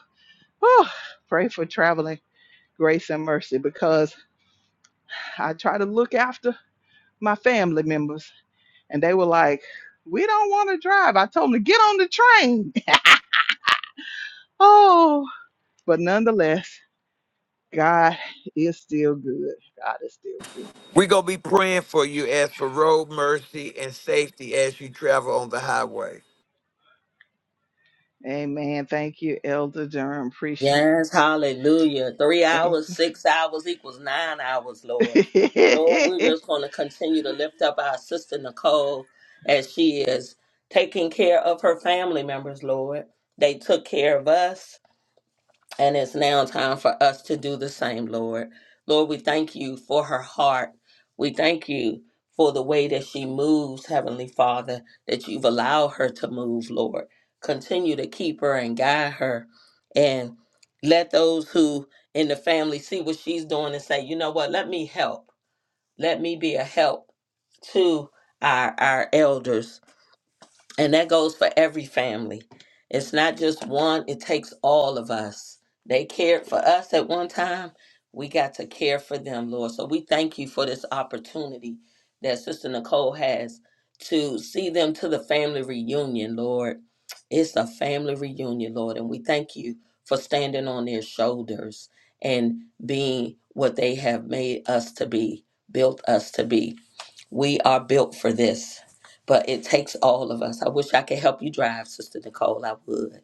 Speaker 1: whew. Pray for traveling grace and mercy because I try to look after my family members, and they were like, "We don't want to drive." I told them to get on the train. [LAUGHS] oh. But nonetheless, God is still good. God is still good.
Speaker 4: We're going to be praying for you as for road mercy and safety as you travel on the highway.
Speaker 1: Amen. Thank you, Elder Durham. Appreciate
Speaker 6: Yes, hallelujah. Three
Speaker 1: you.
Speaker 6: hours, six hours equals nine hours, Lord. Lord, we're
Speaker 1: [LAUGHS]
Speaker 6: just going to continue to lift up our sister Nicole as she is taking care of her family members, Lord. They took care of us. And it's now time for us to do the same, Lord. Lord, we thank you for her heart. We thank you for the way that she moves, Heavenly Father, that you've allowed her to move, Lord. Continue to keep her and guide her. And let those who in the family see what she's doing and say, you know what, let me help. Let me be a help to our, our elders and that goes for every family. It's not just one, it takes all of us. They cared for us at one time. We got to care for them, Lord. So we thank you for this opportunity that Sister Nicole has to see them to the family reunion, Lord. It's a family reunion, Lord. And we thank you for standing on their shoulders and being what they have made us to be, built us to be. We are built for this, but it takes all of us. I wish I could help you drive, Sister Nicole. I would.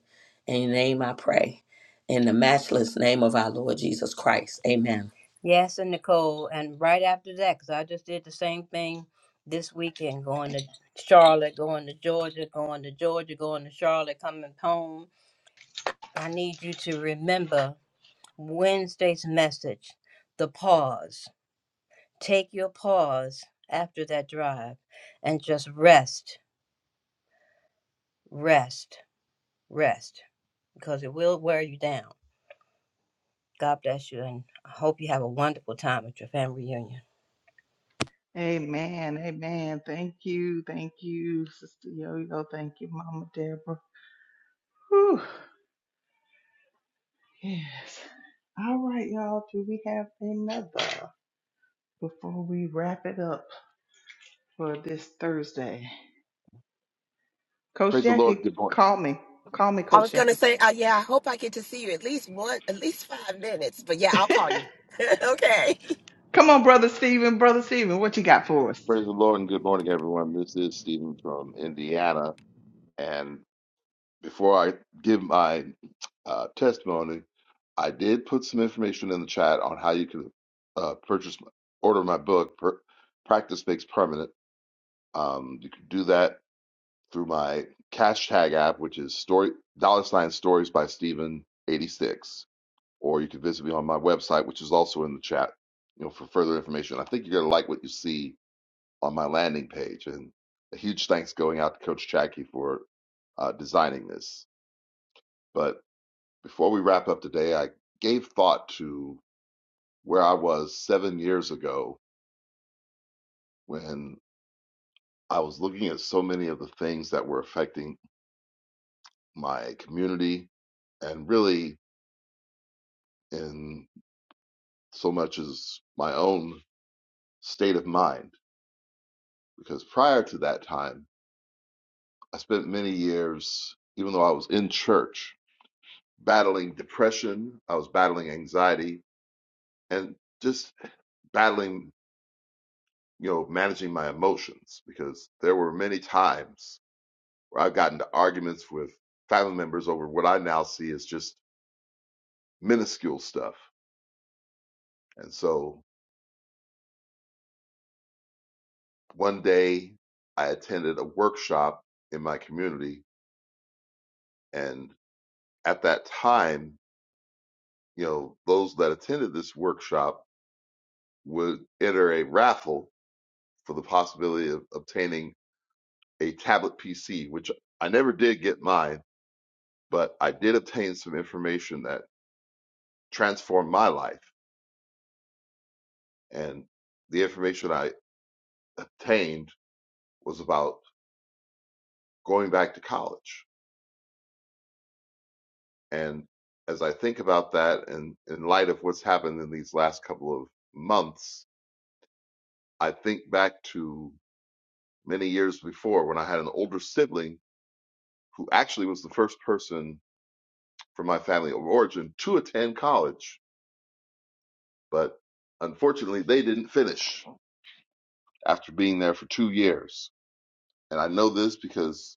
Speaker 6: In your name I pray. In the matchless name of our Lord Jesus Christ. Amen.
Speaker 3: Yes, and Nicole, and right after that, because I just did the same thing this weekend, going to Charlotte, going to Georgia, going to Georgia, going to Charlotte, coming home. I need you to remember Wednesday's message, the pause. Take your pause after that drive and just rest, rest, rest, because it will wear you down. God bless you, and I hope you have a wonderful time at your family reunion.
Speaker 1: amen. Amen. Thank you. Thank you, Sister Yo Yo. Thank you, Mama Deborah. Whew. Yes. All right, y'all. Do we have another before we wrap it up for this Thursday? Coach
Speaker 10: Praise the Lord.
Speaker 1: Jackie,
Speaker 10: Good morning.
Speaker 1: call me. Call me,
Speaker 7: I
Speaker 1: Coach
Speaker 7: was gonna
Speaker 1: Jackie.
Speaker 7: say, uh, yeah, I hope I get to see you at least one, at least five minutes. But yeah,
Speaker 1: [LAUGHS]
Speaker 7: I'll call you. [LAUGHS] okay.
Speaker 1: Come on, Brother Stephen. Brother Stephen, what you got for us?
Speaker 10: Praise the Lord and good morning, everyone. This is Stephen from Indiana. And before I give my uh, testimony, I did put some information in the chat on how you can uh, purchase, order my book, per, Practice Makes Permanent. Um, you can do that through my cash tag app, which is story dollar sign stories by Stephen 86. Or you can visit me on my website, which is also in the chat, you know, for further information. I think you're going to like what you see on my landing page. And a huge thanks going out to Coach Jackie for uh, designing this. But before we wrap up today, I gave thought to where I was seven years ago when I was looking at so many of the things that were affecting my community and really in so much as my own state of mind. Because prior to that time, I spent many years, even though I was in church, battling depression, I was battling anxiety, and just battling, you know, managing my emotions because there were many times where I've gotten to arguments with family members over what I now see as just minuscule stuff. And so one day I attended a workshop in my community, and at that time, you know, those that attended this workshop would enter a raffle for the possibility of obtaining a tablet PC, which I never did get mine, but I did obtain some information that transformed my life. And the information I obtained was about going back to college. And as I think about that, and in light of what's happened in these last couple of months, I think back to many years before when I had an older sibling who actually was the first person from my family of origin to attend college, but unfortunately, they didn't finish after being there for two years. And I know this because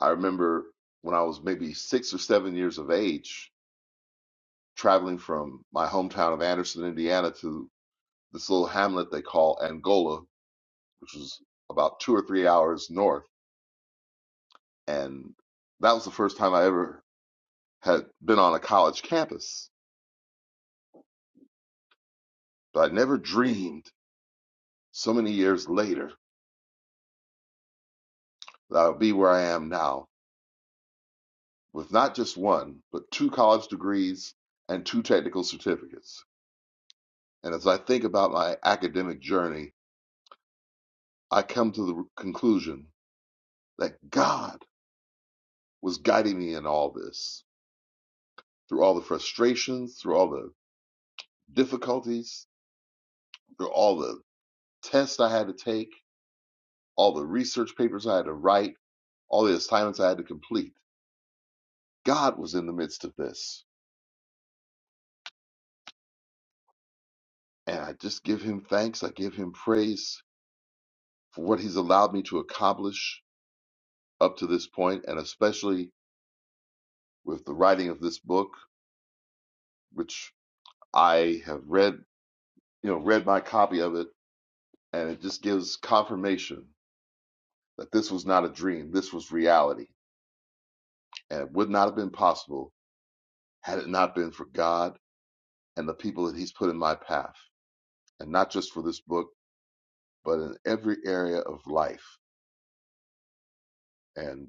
Speaker 10: I remember when I was maybe six or seven years of age, traveling from my hometown of Anderson, Indiana, to this little hamlet they call Angola, which was about two or three hours north. And that was the first time I ever had been on a college campus. But I never dreamed so many years later that I would be where I am now with not just one, but two college degrees and two technical certificates. And as I think about my academic journey, I come to the conclusion that God was guiding me in all this through all the frustrations, through all the difficulties, through all the tests I had to take, all the research papers I had to write, all the assignments I had to complete. God was in the midst of this. And I just give him thanks. I give him praise for what he's allowed me to accomplish up to this point, and especially with the writing of this book, which I have read you know, read my copy of it, and it just gives confirmation that this was not a dream, this was reality. And it would not have been possible had it not been for God and the people that He's put in my path, and not just for this book, but in every area of life. And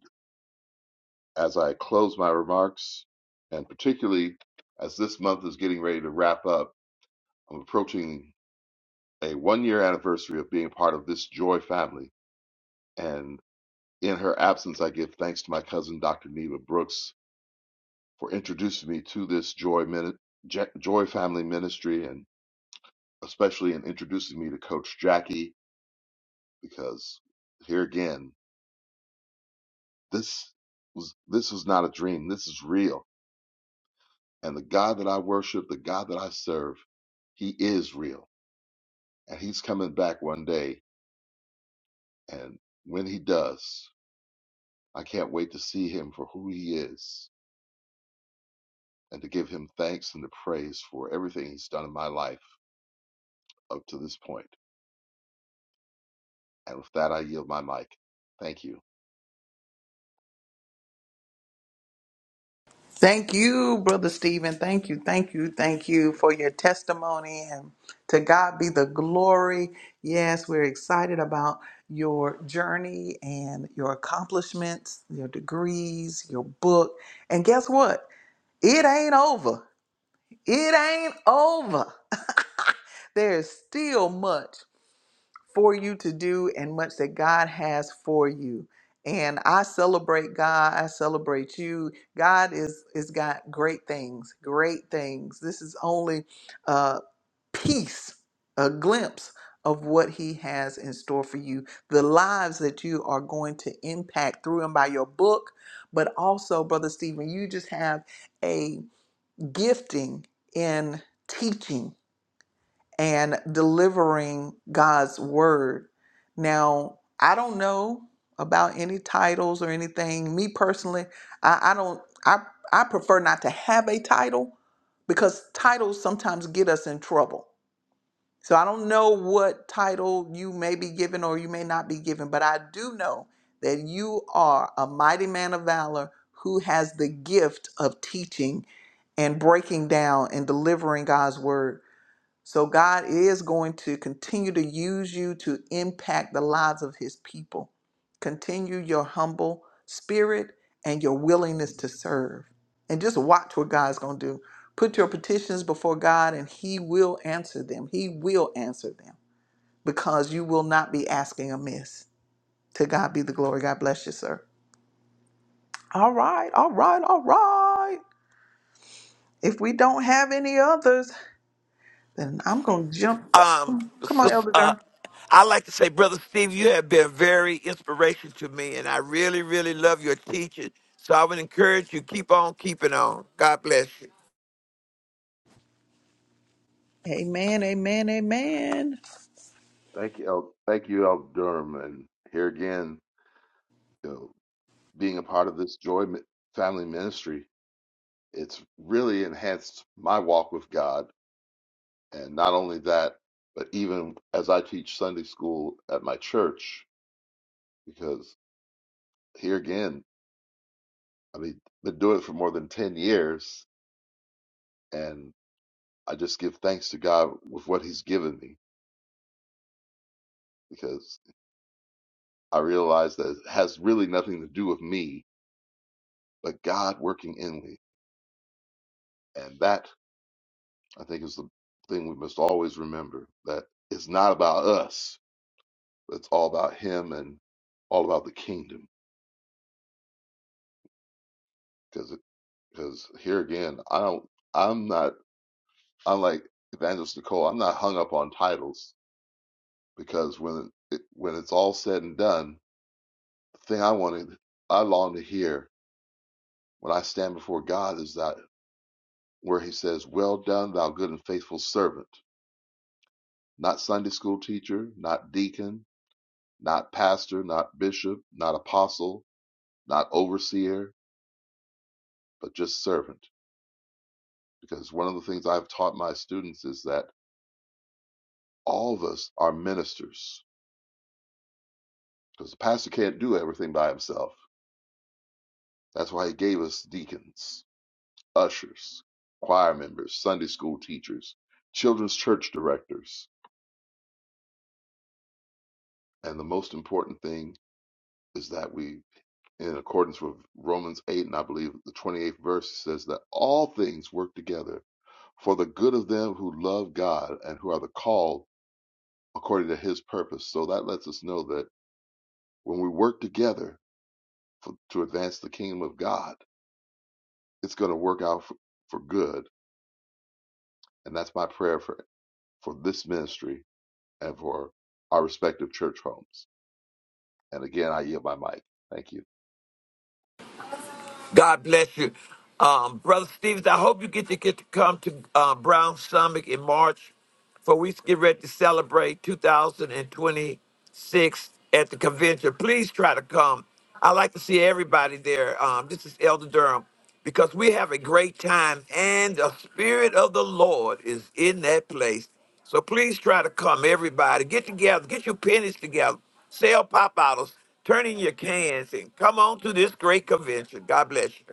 Speaker 10: as I close my remarks, and particularly as this month is getting ready to wrap up, I'm approaching a one year anniversary of being part of this joy family. And in her absence, I give thanks to my cousin, Dr. Neva Brooks, for introducing me to this Joy Mini- Ja- Joy Family Ministry, and especially in introducing me to Coach Jackie, because here again, this was this was not a dream. This is real, and the God that I worship, the God that I serve, He is real, and He's coming back one day. And when He does, I can't wait to see Him for who He is, and to give Him thanks and to praise for everything He's done in my life up to this point. And with that, I yield my mic. Thank you.
Speaker 1: Thank you, Brother Stephen. Thank you, thank you, thank you for your testimony. And to God be the glory. Yes, we're excited about your journey and your accomplishments, your degrees, your book. And guess what? It ain't over. It ain't over. There's still much for you to do and much that God has for you. And I celebrate God. I celebrate you. God is is got great things, great things. This is only a piece, a glimpse of what He has in store for you. The lives that you are going to impact through and by your book, but also, Brother Stephen, you just have a gifting in teaching and delivering God's word. Now, I don't know about any titles or anything. Me personally, I, I don't I I prefer not to have a title because titles sometimes get us in trouble. So I don't know what title you may be given or you may not be given, but I do know that you are a mighty man of valor who has the gift of teaching and breaking down and delivering God's word. So God is going to continue to use you to impact the lives of his people. Continue your humble spirit and your willingness to serve. And just watch what God's going to do. Put your petitions before God and he will answer them. He will answer them because you will not be asking amiss. To God be the glory. God bless you, sir. All right, all right, all right. If we don't have any others, then I'm going to jump.
Speaker 4: Um,
Speaker 1: Come on,
Speaker 4: sis-
Speaker 1: Elder
Speaker 4: uh,
Speaker 1: Durham.
Speaker 4: I like to say, Brother Steve, you have been very inspirational to me, and I really, really love your teaching. So I would encourage you, keep on keeping on. God bless you.
Speaker 1: Amen, amen, amen.
Speaker 10: Thank you, El, thank you, El Durham, and here again, you know, being a part of this Joy Mi- Family Ministry, it's really enhanced my walk with God, and not only that, but even as I teach Sunday school at my church, because here again, I mean, been doing it for more than ten years, and I just give thanks to God with what He's given me, because I realize that it has really nothing to do with me, but God working in me, and that. I think it's the thing we must always remember that it's not about us. It's all about Him and all about the kingdom. Because because here again, I don't. I'm not. I'm like Evangelist Nicole. I'm not hung up on titles because when it, when it's all said and done, the thing I wanted, I long to hear when I stand before God is that where He says, "Well done, thou good and faithful servant." Not Sunday school teacher, not deacon, not pastor, not bishop, not apostle, not overseer, but just servant. Because one of the things I've taught my students is that all of us are ministers. Because the pastor can't do everything by himself. That's why he gave us deacons, ushers, choir members, Sunday school teachers, children's church directors. And the most important thing is that we, in accordance with Romans 8, and I believe the 28th verse, says that all things work together for the good of them who love God and who are the called according to his purpose. So that lets us know that when we work together for, to advance the kingdom of God, it's going to work out for, for good. And that's my prayer for, for this ministry and for our respective church homes. And again, I yield my mic. Thank you.
Speaker 4: God bless you. Um, Brother Stevens, I hope you get to get to come to uh, Brown Summit in March for we get ready to celebrate 2026 at the convention. Please try to come. I like to see everybody there. Um, this is Elder Durham. because we have a great time and the spirit of the lord is in that place so please try to come everybody get together get your pennies together sell pop bottles turn in your cans and come on to this great convention god bless you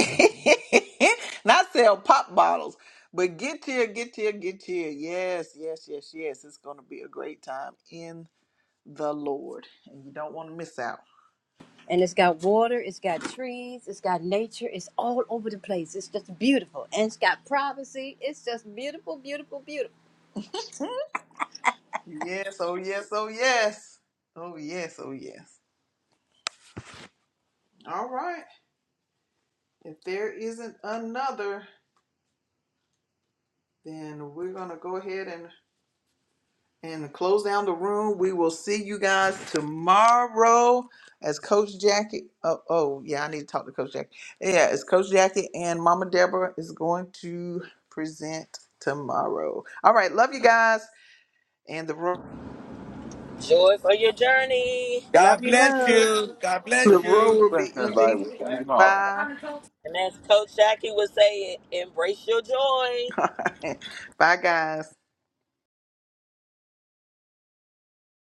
Speaker 1: [LAUGHS] Not sell pop bottles, but get here, get here, get here. Yes, yes, yes, yes. It's going to be a great time in the Lord, and you don't want to miss out.
Speaker 3: and it's got water, it's got trees, it's got nature, it's all over the place. It's just beautiful, and it's got privacy. It's just beautiful, beautiful, beautiful.
Speaker 1: Yes, oh, yes, oh, yes. Oh, yes, oh, yes. All right. If there isn't another, then we're going to go ahead and and to close down the room. We will see you guys tomorrow as Coach Jackie. Oh, oh yeah, I need to talk to Coach Jackie. Yeah, as Coach Jackie and Mama Deborah is going to present tomorrow. All right, love you guys, and the room
Speaker 6: Joy for your journey.
Speaker 4: god
Speaker 3: Love you,
Speaker 4: bless
Speaker 3: love.
Speaker 4: you god
Speaker 1: the
Speaker 4: bless
Speaker 1: room
Speaker 4: you
Speaker 1: will
Speaker 10: Bless
Speaker 1: be
Speaker 10: everybody
Speaker 1: ending.
Speaker 10: with
Speaker 1: Bye,
Speaker 6: And as Coach Jackie would say, embrace your joy.
Speaker 1: [LAUGHS] bye, guys.